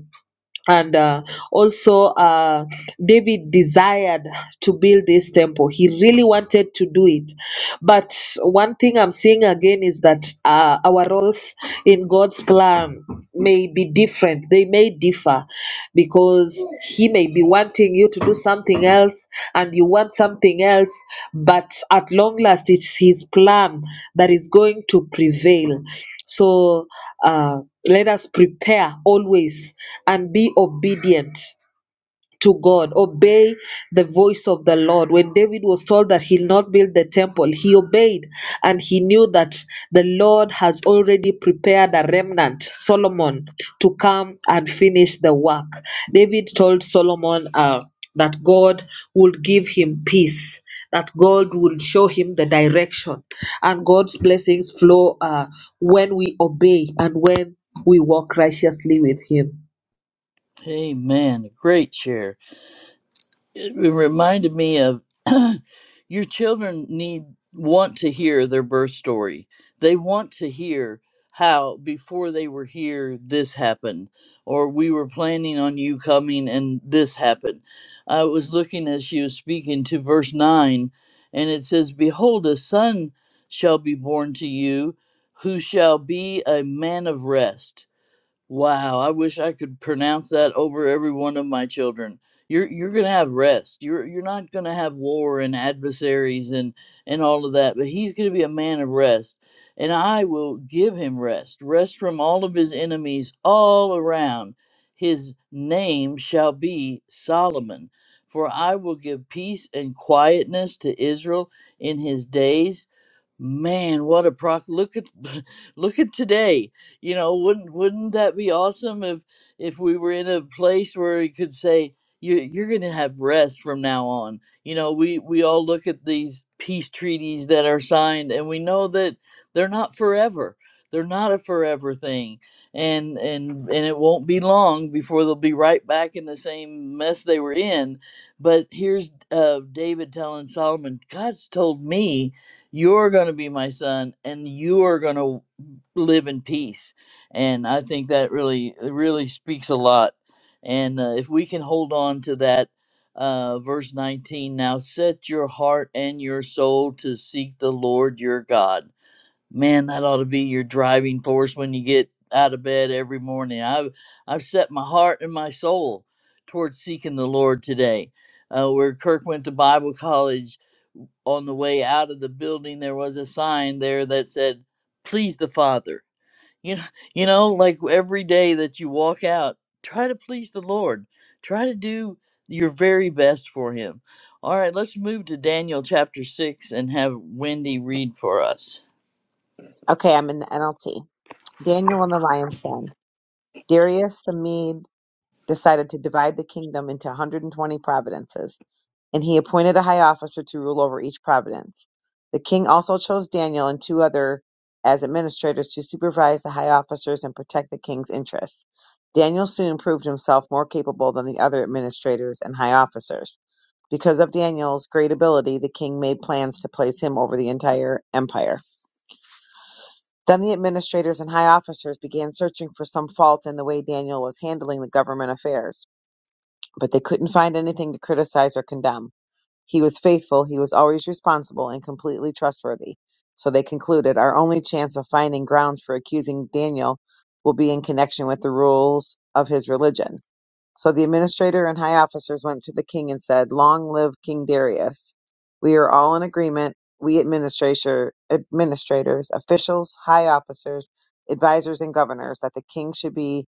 and uh, also uh, david desired to build this temple he really wanted to do it but one thing i'm seeing again is that uh, our roles in god's plan may be different they may differ because he may be wanting you to do something else and you want something else but at long last it's his plan that is going to prevail so uh let us prepare always and be obedient to God, obey the voice of the Lord. When David was told that he'll not build the temple, he obeyed and he knew that the Lord has already prepared a remnant, Solomon, to come and finish the work. David told Solomon uh, that God would give him peace. That God will show him the direction, and God's blessings flow uh, when we obey and when we walk righteously with Him.
Amen. Great share. It reminded me of your children need want to hear their birth story. They want to hear how before they were here this happened or we were planning on you coming and this happened. I was looking as she was speaking to verse 9 and it says behold a son shall be born to you who shall be a man of rest Wow, I wish I could pronounce that over every one of my children. You're you're gonna have rest. You're you're not gonna have war and adversaries and and all of that. But he's gonna be a man of rest, and I will give him rest, rest from all of his enemies all around. His name shall be Solomon, for I will give peace and quietness to Israel in his days, Man, what a pro! Look at look at today. You know, wouldn't wouldn't that be awesome if if we were in a place where we could say you you're going to have rest from now on. You know, we we all look at these peace treaties that are signed and we know that they're not forever. They're not a forever thing. And and and it won't be long before they'll be right back in the same mess they were in. But here's uh David telling Solomon, God's told me you're going to be my son, and you are going to live in peace. And I think that really, really speaks a lot. And uh, if we can hold on to that, uh, verse 19 now set your heart and your soul to seek the Lord your God Man, that ought to be your driving force when you get out of bed every morning. I've I've set my heart and my soul towards seeking the Lord today. Uh, where Kirk went to Bible college, on the way out of the building, there was a sign there that said, "Please the Father." You know, you know, like every day that you walk out, try to please the Lord. Try to do your very best for Him. All right, let's move to Daniel chapter six and have Wendy read for us.
Okay, I'm in the NLT. Daniel and the lion's den. Darius the Mede decided to divide the kingdom into 120 providences, and he appointed a high officer to rule over each providence. The king also chose Daniel and two other as administrators to supervise the high officers and protect the king's interests. Daniel soon proved himself more capable than the other administrators and high officers. Because of Daniel's great ability, the king made plans to place him over the entire empire. Then the administrators and high officers began searching for some fault in the way Daniel was handling the government affairs, but they couldn't find anything to criticize or condemn. He was faithful, he was always responsible, and completely trustworthy. So they concluded our only chance of finding grounds for accusing Daniel will be in connection with the rules of his religion. So the administrator and high officers went to the king and said, Long live King Darius. We are all in agreement, we administrator, administrators, officials, high officers, advisors, and governors, that the king should be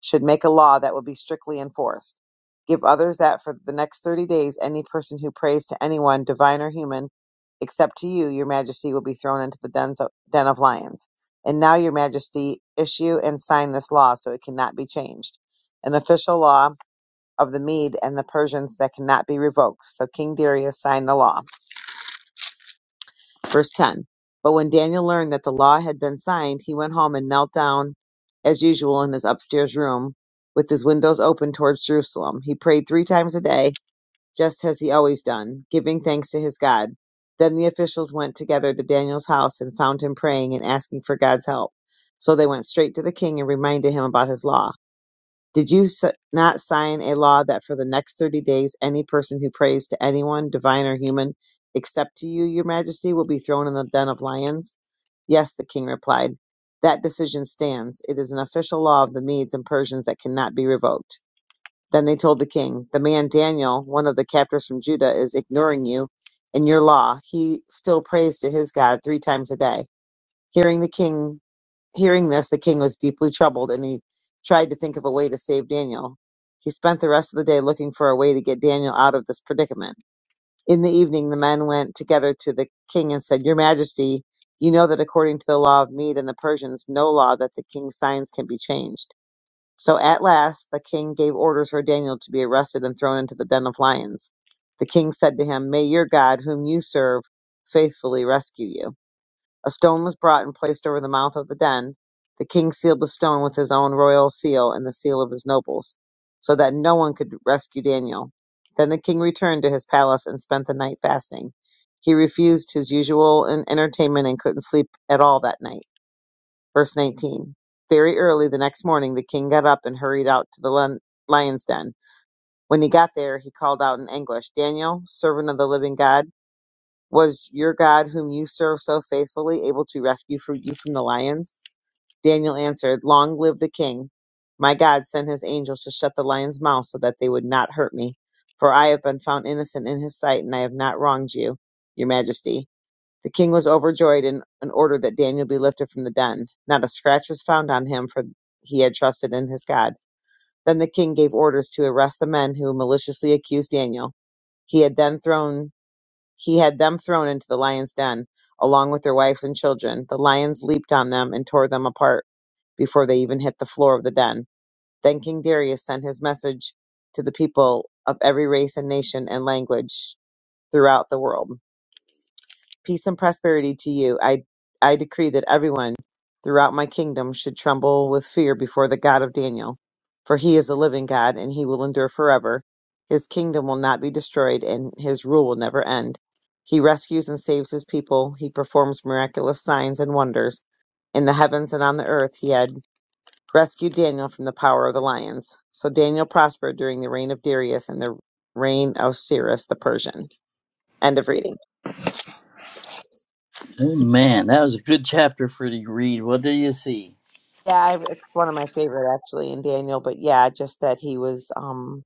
should make a law that will be strictly enforced. Give others that for the next thirty days any person who prays to anyone, divine or human, except to you, your majesty, will be thrown into the dens of, den of lions. And now, your majesty, issue and sign this law so it cannot be changed. An official law of the Mede and the Persians that cannot be revoked. So King Darius signed the law. Verse 10. But when Daniel learned that the law had been signed, he went home and knelt down as usual in his upstairs room with his windows open towards Jerusalem. He prayed three times a day, just as he always done, giving thanks to his God. Then the officials went together to Daniel's house and found him praying and asking for God's help. So they went straight to the king and reminded him about his law. Did you s- not sign a law that for the next 30 days, any person who prays to anyone, divine or human, except to you, your majesty, will be thrown in the den of lions? Yes, the king replied. That decision stands. It is an official law of the Medes and Persians that cannot be revoked. Then they told the king, The man Daniel, one of the captors from Judah, is ignoring you and your law. He still prays to his God three times a day. Hearing the king Hearing this, the king was deeply troubled, and he tried to think of a way to save Daniel. He spent the rest of the day looking for a way to get Daniel out of this predicament. In the evening, the men went together to the king and said, Your Majesty, you know that according to the law of Mede and the Persians, no law that the king's signs can be changed. So at last, the king gave orders for Daniel to be arrested and thrown into the den of lions. The king said to him, May your God, whom you serve, faithfully rescue you. A stone was brought and placed over the mouth of the den. The king sealed the stone with his own royal seal and the seal of his nobles, so that no one could rescue Daniel. Then the king returned to his palace and spent the night fasting. He refused his usual en- entertainment and couldn't sleep at all that night. Verse 19. Very early the next morning, the king got up and hurried out to the lion- lion's den. When he got there, he called out in anguish, Daniel, servant of the living God was your God, whom you serve so faithfully, able to rescue fr- you from the lions? Daniel answered, Long live the king. My God sent his angels to shut the lions' mouths so that they would not hurt me, for I have been found innocent in his sight, and I have not wronged you, your majesty. The king was overjoyed and, and ordered that Daniel be lifted from the den. Not a scratch was found on him, for he had trusted in his God. Then the king gave orders to arrest the men who maliciously accused Daniel. He had then thrown he had them thrown into the lions' den, along with their wives and children. The lions leaped on them and tore them apart before they even hit the floor of the den. Then King Darius sent his message to the people of every race and nation and language throughout the world. Peace and prosperity to you. I, I decree that everyone throughout my kingdom should tremble with fear before the God of Daniel, for he is a living God and he will endure forever. His kingdom will not be destroyed and his rule will never end. He rescues and saves his people. He performs miraculous signs and wonders. In the heavens and on the earth, he had rescued Daniel from the power of the lions. So Daniel prospered during the reign of Darius and the reign of Cyrus the Persian. End of reading.
Man, that was a good chapter for you to read. What do you see?
Yeah, I, it's one of my favorite actually in Daniel, but yeah, just that he was um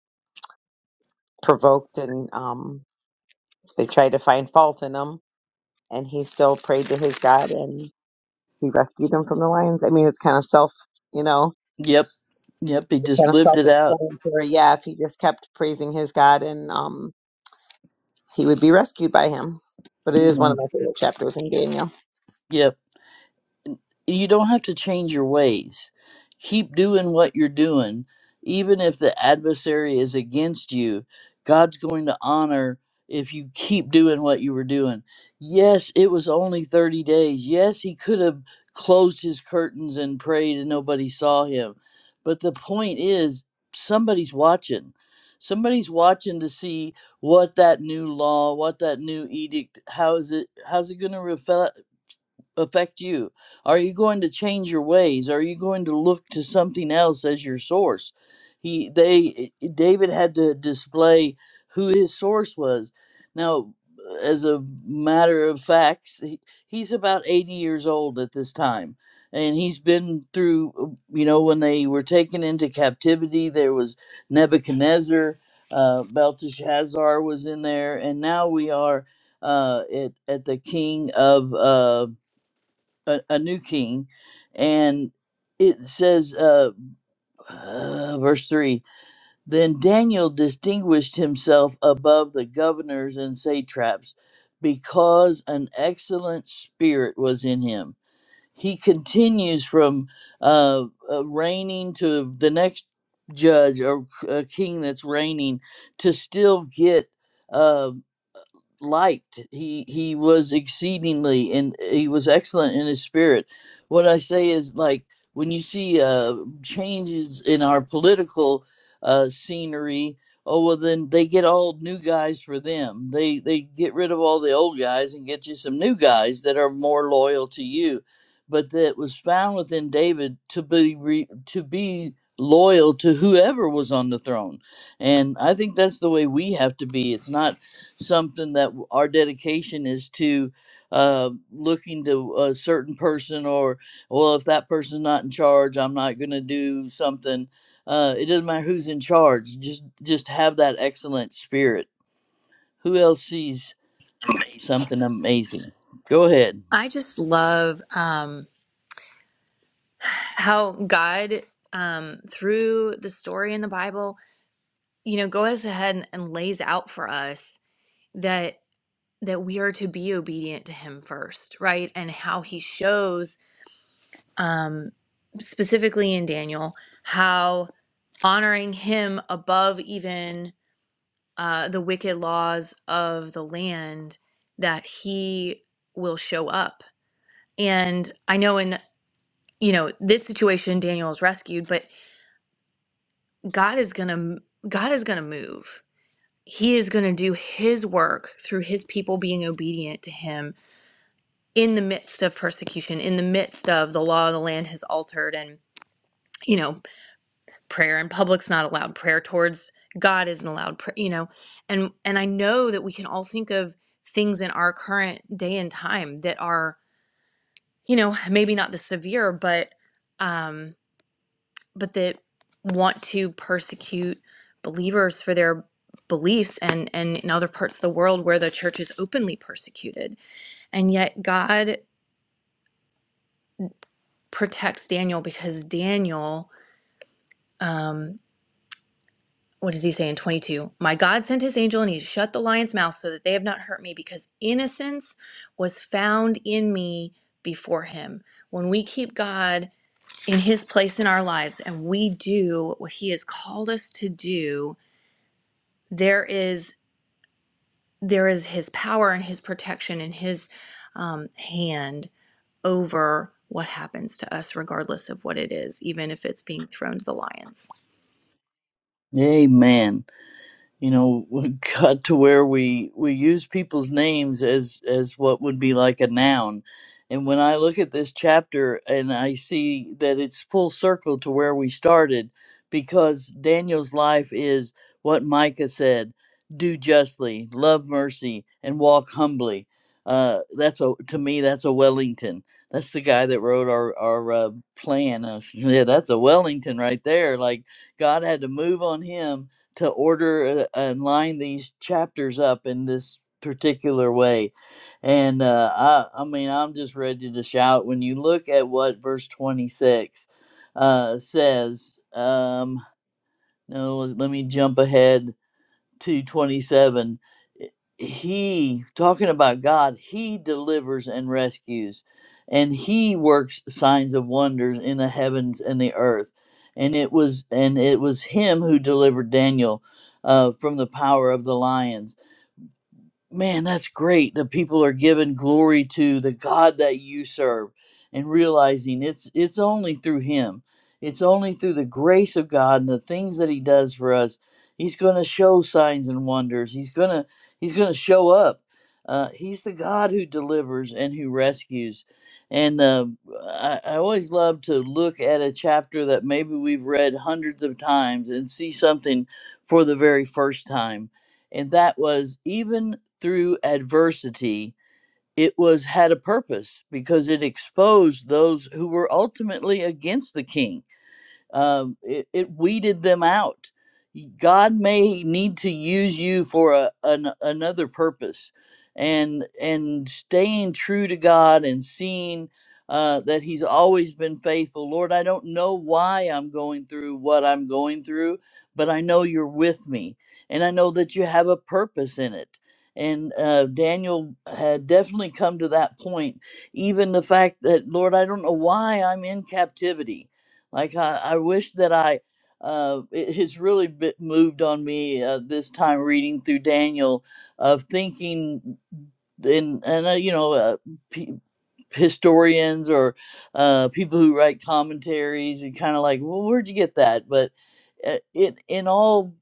provoked and um they tried to find fault in him and he still prayed to his God and he rescued him from the lions. I mean, it's kind of self, you know,
Yep. Yep. He
it's
just
kind of
lived it out.
self-explanatory. Yeah, if he just kept praising his God and um he would be rescued by him. But it is one of
Amen.
my favorite chapters in Daniel.
Yep. you don't have to change your ways. Keep doing what you're doing. Even if the adversary is against you, God's going to honor if you keep doing what you were doing. Yes, it was only 30 days. Yes, he could have closed his curtains and prayed and nobody saw him. But the point is, somebody's watching. Somebody's watching to see what that new law, what that new edict, how is it, how's it going to affect you? Are you going to change your ways? Are you going to look to something else as your source? He they eh, David had to display who his source was. Now, as a matter of facts, he, he's about 80 years old at this time. And he's been through, uh, you know, when they were taken into captivity, there was Nebuchadnezzar, uh, Belteshazzar was in there, and now we are uh, at, at the king of uh, a, a new king and it says uh, uh verse 3 then daniel distinguished himself above the governors and satraps because an excellent spirit was in him he continues from uh, uh reigning to the next judge or uh, king that's reigning to still get uh, liked. He he was exceedingly and uh, he was excellent in his spirit. What I say is like when you see uh, changes in our political uh, scenery, oh well, then they get all new guys for them. They they get rid of all the old guys and get you some new guys that are more loyal to you. But that was found within David to be re, to be loyal to whoever was on the throne. And I think that's the way we have to be. It's not something that our dedication is to uh, looking to a certain person or well if that person's not in charge i'm not going to do something uh, it doesn't matter who's in charge just just have that excellent spirit who else sees something amazing go ahead
I just love um, how God, um, through the story in the Bible, you know, goes ahead and and lays out for us that that we are to be obedient to Him first, right? And how He shows, um, specifically in Daniel, how honoring Him above even uh, the wicked laws of the land that He will show up. And I know in you know this situation daniel is rescued but god is gonna god is gonna move he is gonna do his work through his people being obedient to him in the midst of persecution in the midst of the law of the land has altered and you know prayer in public's not allowed prayer towards god isn't allowed pr- you know and and i know that we can all think of things in our current day and time that are you know maybe not the severe but um but that want to persecute believers for their beliefs and and in other parts of the world where the church is openly persecuted and yet god protects daniel because daniel um what does he say in 22 my god sent his angel and he shut the lion's mouth so that they have not hurt me because innocence was found in me before him when we keep god in his place in our lives and we do what he has called us to do there is there is his power and his protection and his um, hand over what happens to us, regardless of what it is, even if it's being thrown to the lions.
amen you know we got to where we we use people's names as as what would be like a noun and when i look at this chapter and i see that it's full circle to where we started because daniel's life is what micah said do justly love mercy and walk humbly uh that's a to me that's a wellington that's the guy that wrote our our uh, plan uh, yeah that's a wellington right there like god had to move on him to order uh, and line these chapters up in this particular way. And uh, I, I mean, I'm just ready to shout when you look at what verse 26 uh, says. Um, no, let me jump ahead two twenty seven, he talking about God, he delivers and rescues, and he works signs of wonders in the heavens and the earth, and it was and it was him who delivered Daniel uh, from the power of the lions Man, that's great that people are giving glory to the God that you serve and realizing it's it's only through him. It's only through the grace of God and the things that he does for us. He's going to show signs and wonders. He's going to he's going to show up. Uh, he's the God who delivers and who rescues. And uh, I, I always love to look at a chapter that maybe we've read hundreds of times and see something for the very first time and that was even through adversity, it was had a purpose because it exposed those who were ultimately against the king um, it, it weeded them out. God may need to use you for a, an, another purpose, and and staying true to God and seeing uh, that He's always been faithful. Lord, I don't know why I'm going through what I'm going through, but I know You're with me, and I know that You have a purpose in it. And uh, Daniel had definitely come to that point even the fact that lord i don't know why i'm in captivity like I, I wish that I, uh, it has really b moved on me uh, this time reading through Daniel, of thinking and and uh, you know uh, historians or uh, people who write commentaries and kind of like, well, where'd you get that? But uh, it in all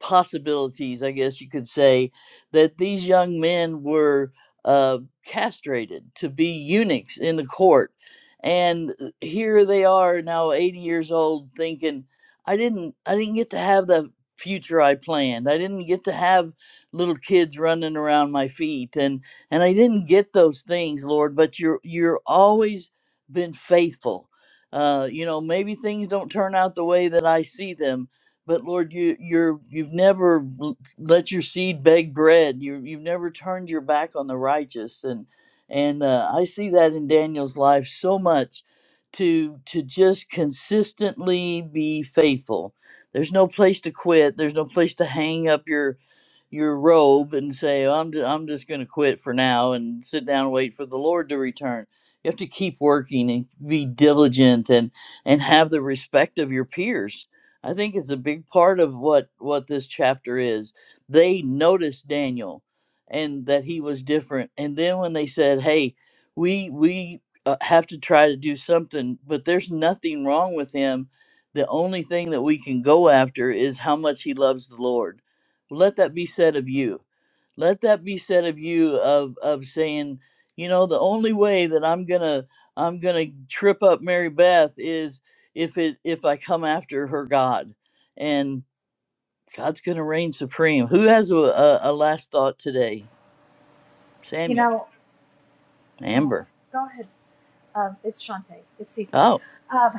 possibilities, I guess you could say that these young men were uh, castrated to be eunuchs in the court, and uh, here they are now, eighty years old, thinking, I didn't, I didn't get to have the future I planned. I didn't get to have little kids running around my feet and and I didn't get those things, Lord. But you're you're always been faithful. Uh, you know, maybe things don't turn out the way that I see them, but Lord, you you're you've never l- let your seed beg bread. You you've never turned your back on the righteous, and and uh, I see that in Daniel's life so much. To to just consistently be faithful. There's no place to quit. There's no place to hang up your your robe and say, "Oh, I'm, I'm just going to quit for now and sit down and wait for the Lord to return. You have to keep working and be diligent and, and have the respect of your peers. I think it's a big part of what, what this chapter is. They noticed Daniel and that he was different. And then when they said, hey, we, we uh, have to try to do something, but there's nothing wrong with him. The only thing that we can go after is how much he loves the Lord let that be said of you let that be said of you of of saying you know the only way that i'm gonna i'm gonna trip up mary beth is if it if i come after her god and god's gonna reign supreme who has a, a, a last thought today
You
samuel
know, oh,
amber
go ahead. Um, it's Shantae. It's Cece.
oh
Um,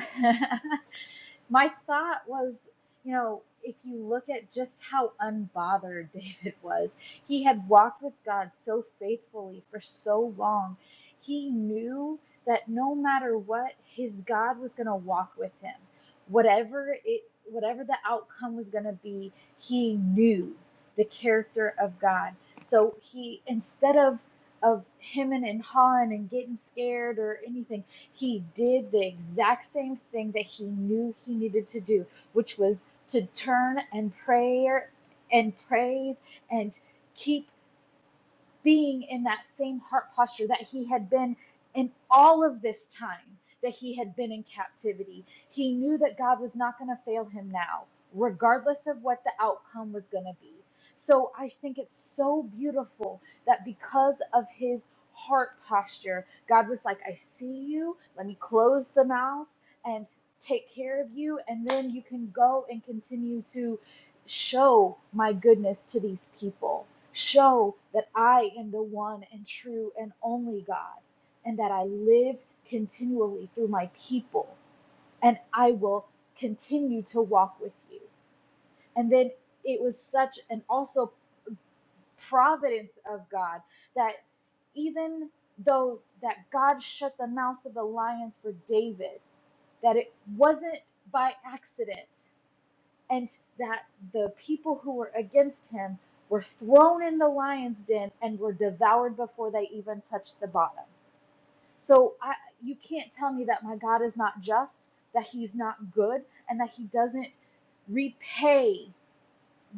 my thought was, you know, if you look at just how unbothered David was, he had walked with God so faithfully for so long. He knew that no matter what, his God was going to walk with him. Whatever it, whatever the outcome was going to be, he knew the character of God. So he, instead of of hemming and hawing and getting scared or anything he did the exact same thing that he knew he needed to do, which was to turn and prayer and praise and keep being in that same heart posture that he had been in all of this time that he had been in captivity. He knew that God was not going to fail him now, regardless of what the outcome was going to be. So I think it's so beautiful that because of his heart posture, God was like, I see you. Let me close the mouth and take care of you. And then you can go and continue to show my goodness to these people. Show that I am the one and true and only God, and that I live continually through my people, and I will continue to walk with you. And then it was such an also providence of God that even though that God shut the mouths of the lions for David, that it wasn't by accident and that the people who were against him were thrown in the lion's den and were devoured before they even touched the bottom. So I, you can't tell me that my God is not just, that he's not good, and that he doesn't repay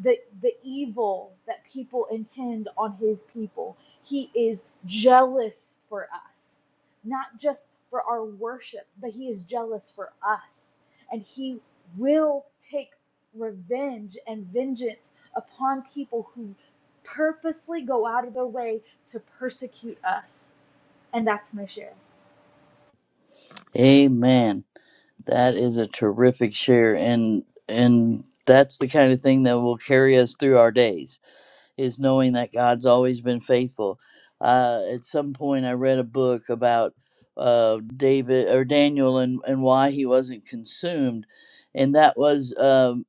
the the evil that people intend on his people. He is jealous for us, not just for our worship, but he is jealous for us, and he will take revenge and vengeance upon people who purposely go out of their way to persecute us. And that's my share.
amen that is a terrific share and and that's the kind of thing that will carry us through our days is knowing that God's always been faithful. Uh, at some point, I read a book about uh, David or Daniel and, and why he wasn't consumed, and that was um,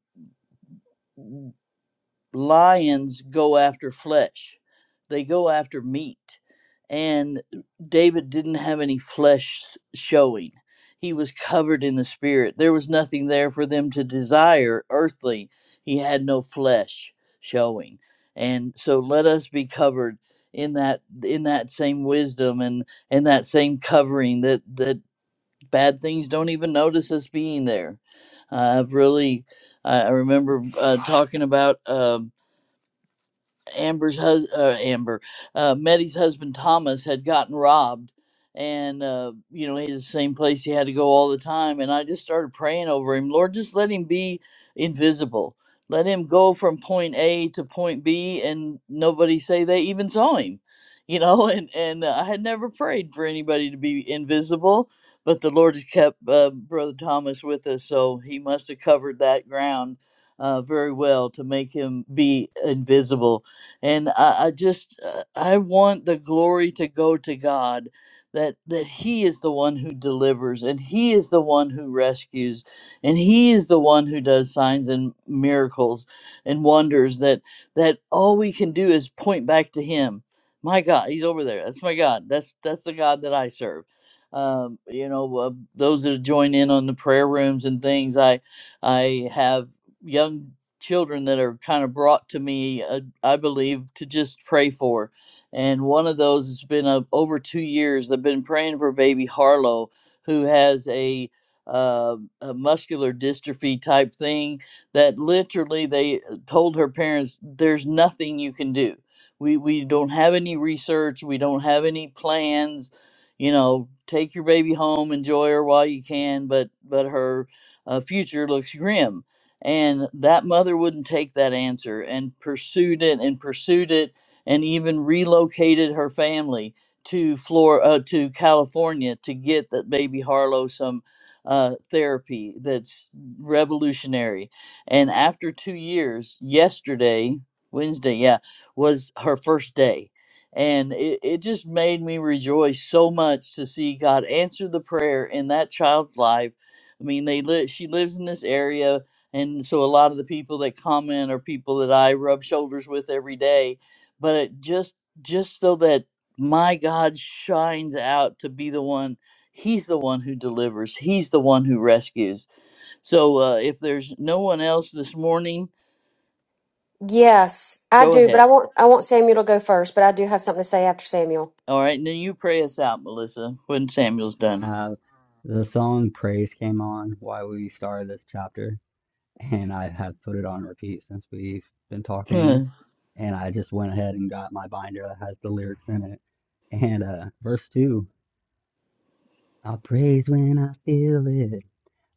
lions go after flesh, they go after meat. And David didn't have any flesh showing. He was covered in the spirit. There was nothing there for them to desire earthly. He had no flesh showing. And so let us be covered in that in that same wisdom and and that same covering that that bad things don't even notice us being there. Uh, I've really I I remember uh, talking about um Amber's hus- uh, Amber, uh, Meddy's husband Thomas had gotten robbed, and uh, you know he's the same place he had to go all the time. And I just started praying over him, Lord, just let him be invisible, let him go from point A to point B, and nobody say they even saw him, you know. And and uh, I had never prayed for anybody to be invisible. But the Lord has kept uh, Brother Thomas with us, so he must have covered that ground uh, very well to make him be invisible and I, I just uh, I want the glory to go to God that that he is the one who delivers and he is the one who rescues and he is the one who does signs and miracles and wonders that that all we can do is point back to him my god he's over there that's my god that's that's the god that i serve um, you know uh, those that join in on the prayer rooms and things i i have young children that are kind of brought to me, uh, I believe, to just pray for. And one of those has been uh, over two years. I've been praying for baby Harlow, who has a, uh, a muscular dystrophy type thing that literally they uh, told her parents, there's nothing you can do. We, we don't have any research, we don't have any plans. You know, take your baby home, enjoy her while you can, but but her uh, future looks grim and that mother wouldn't take that answer and pursued it and pursued it and even relocated her family to Flor- uh, to California to get that baby Harlow some uh, therapy that's revolutionary. And after two years, yesterday, Wednesday, yeah, was her first day. And it, it just made me rejoice so much to see God answer the prayer in that child's life. I mean, they li- she lives in this area and so a lot of the people that comment are people that I rub shoulders with every day. But it just just so that my God shines out to be the one. He's the one who delivers. He's the one who rescues. So uh, if there's no one else this morning,
Yes, I
go
do, but I
ahead.
want I want Samuel to go first, but I do have something to say after Samuel.
All right, and then you pray us out, Melissa, when Samuel's done.
Uh, the song Praise came on while we started this chapter, and I have put it on repeat since we've been talking.
and
And I just went ahead and got my binder that has the lyrics in it. And uh, verse 2. I'll praise when I feel it.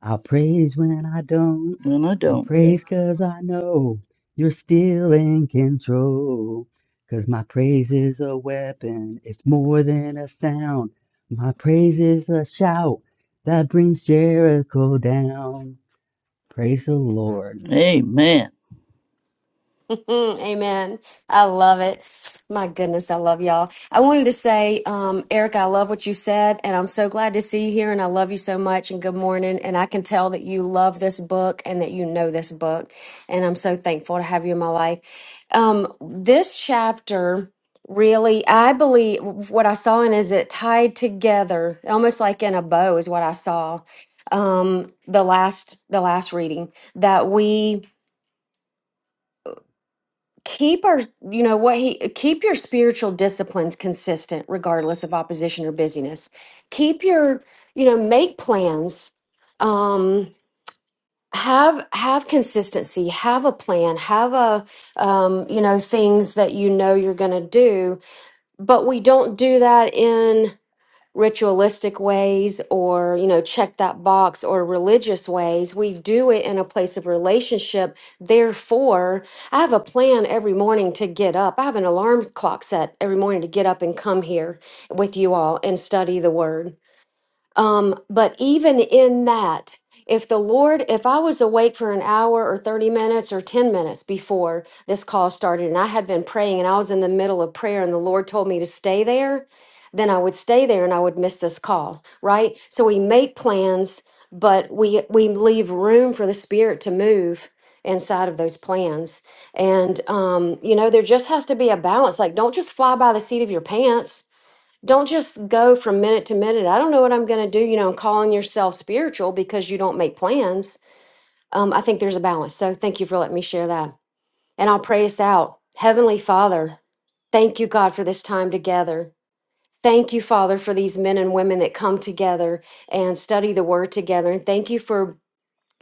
I'll praise when I don't.
I
I'll
don't.
praise 'cause I know you're still in control. 'Cause my praise is a weapon, it's more than a sound. My praise is a shout that brings Jericho down. Praise the Lord.
Amen.
Amen. I love it. My goodness, I love y'all. I wanted to say, um, Eric, I love what you said, and I'm so glad to see you here, and I love you so much, and good morning. And I can tell that you love this book and that you know this book, and I'm so thankful to have you in my life. Um, this chapter really, I believe, what I saw in is it tied together, almost like in a bow, is what I saw. Um, the last, the last reading that we keep our you know what he keep your spiritual disciplines consistent regardless of opposition or busyness keep your you know make plans um have have consistency have a plan have a um you know things that you know you're going to do but we don't do that in ritualistic ways or you know check that box or religious ways we do it in a place of relationship therefore i have a plan every morning to get up i have an alarm clock set every morning to get up and come here with you all and study the word um, but even in that, if the Lord, if I was awake for an hour or 30 minutes or 10 minutes before this call started and I had been praying and I was in the middle of prayer and the Lord told me to stay there, then I would stay there and I would miss this call, right? So we make plans, but we we leave room for the spirit to move inside of those plans. And um, you know, there just has to be a balance. Like don't just fly by the seat of your pants don't just go from minute to minute i don't know what i'm going to do you know and calling yourself spiritual because you don't make plans um, i think there's a balance so thank you for letting me share that and i'll pray us out heavenly father thank you god for this time together thank you father for these men and women that come together and study the word together and thank you for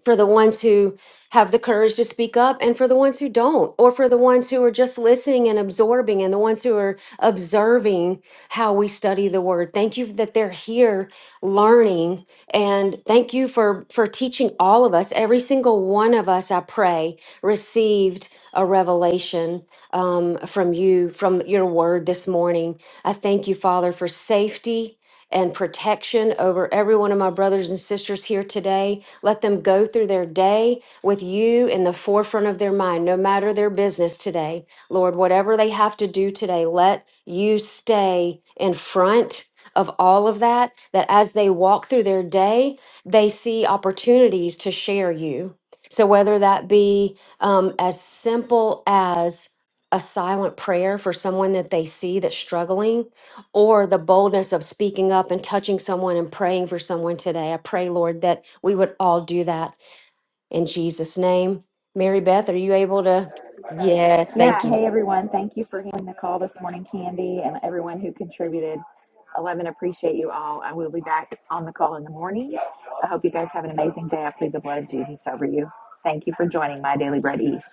for the ones who have the courage to speak up and for the ones who don't or for the ones who are just listening and absorbing and the ones who are observing how we study the word thank you that they're here learning and thank you for for teaching all of us every single one of us i pray received a revelation um, from you from your word this morning i thank you father for safety and protection over every one of my brothers and sisters here today. Let them go through their day with you in the forefront of their mind, no matter their business today. Lord, whatever they have to do today, let you stay in front of all of that, that as they walk through their day, they see opportunities to share you. So, whether that be um, as simple as a silent prayer for someone that they see that's struggling, or the boldness of speaking up and touching someone and praying for someone today. I pray, Lord, that we would all do that in Jesus' name. Mary Beth, are you able to? Yes,
Yeah,
thank you.
hey everyone. Thank you for handling the call this morning, Candy, and everyone who contributed. 11, appreciate you all. I will be back on the call in the morning. I hope you guys have an amazing day. I plead the blood of Jesus over you. Thank you for joining My Daily Bread East.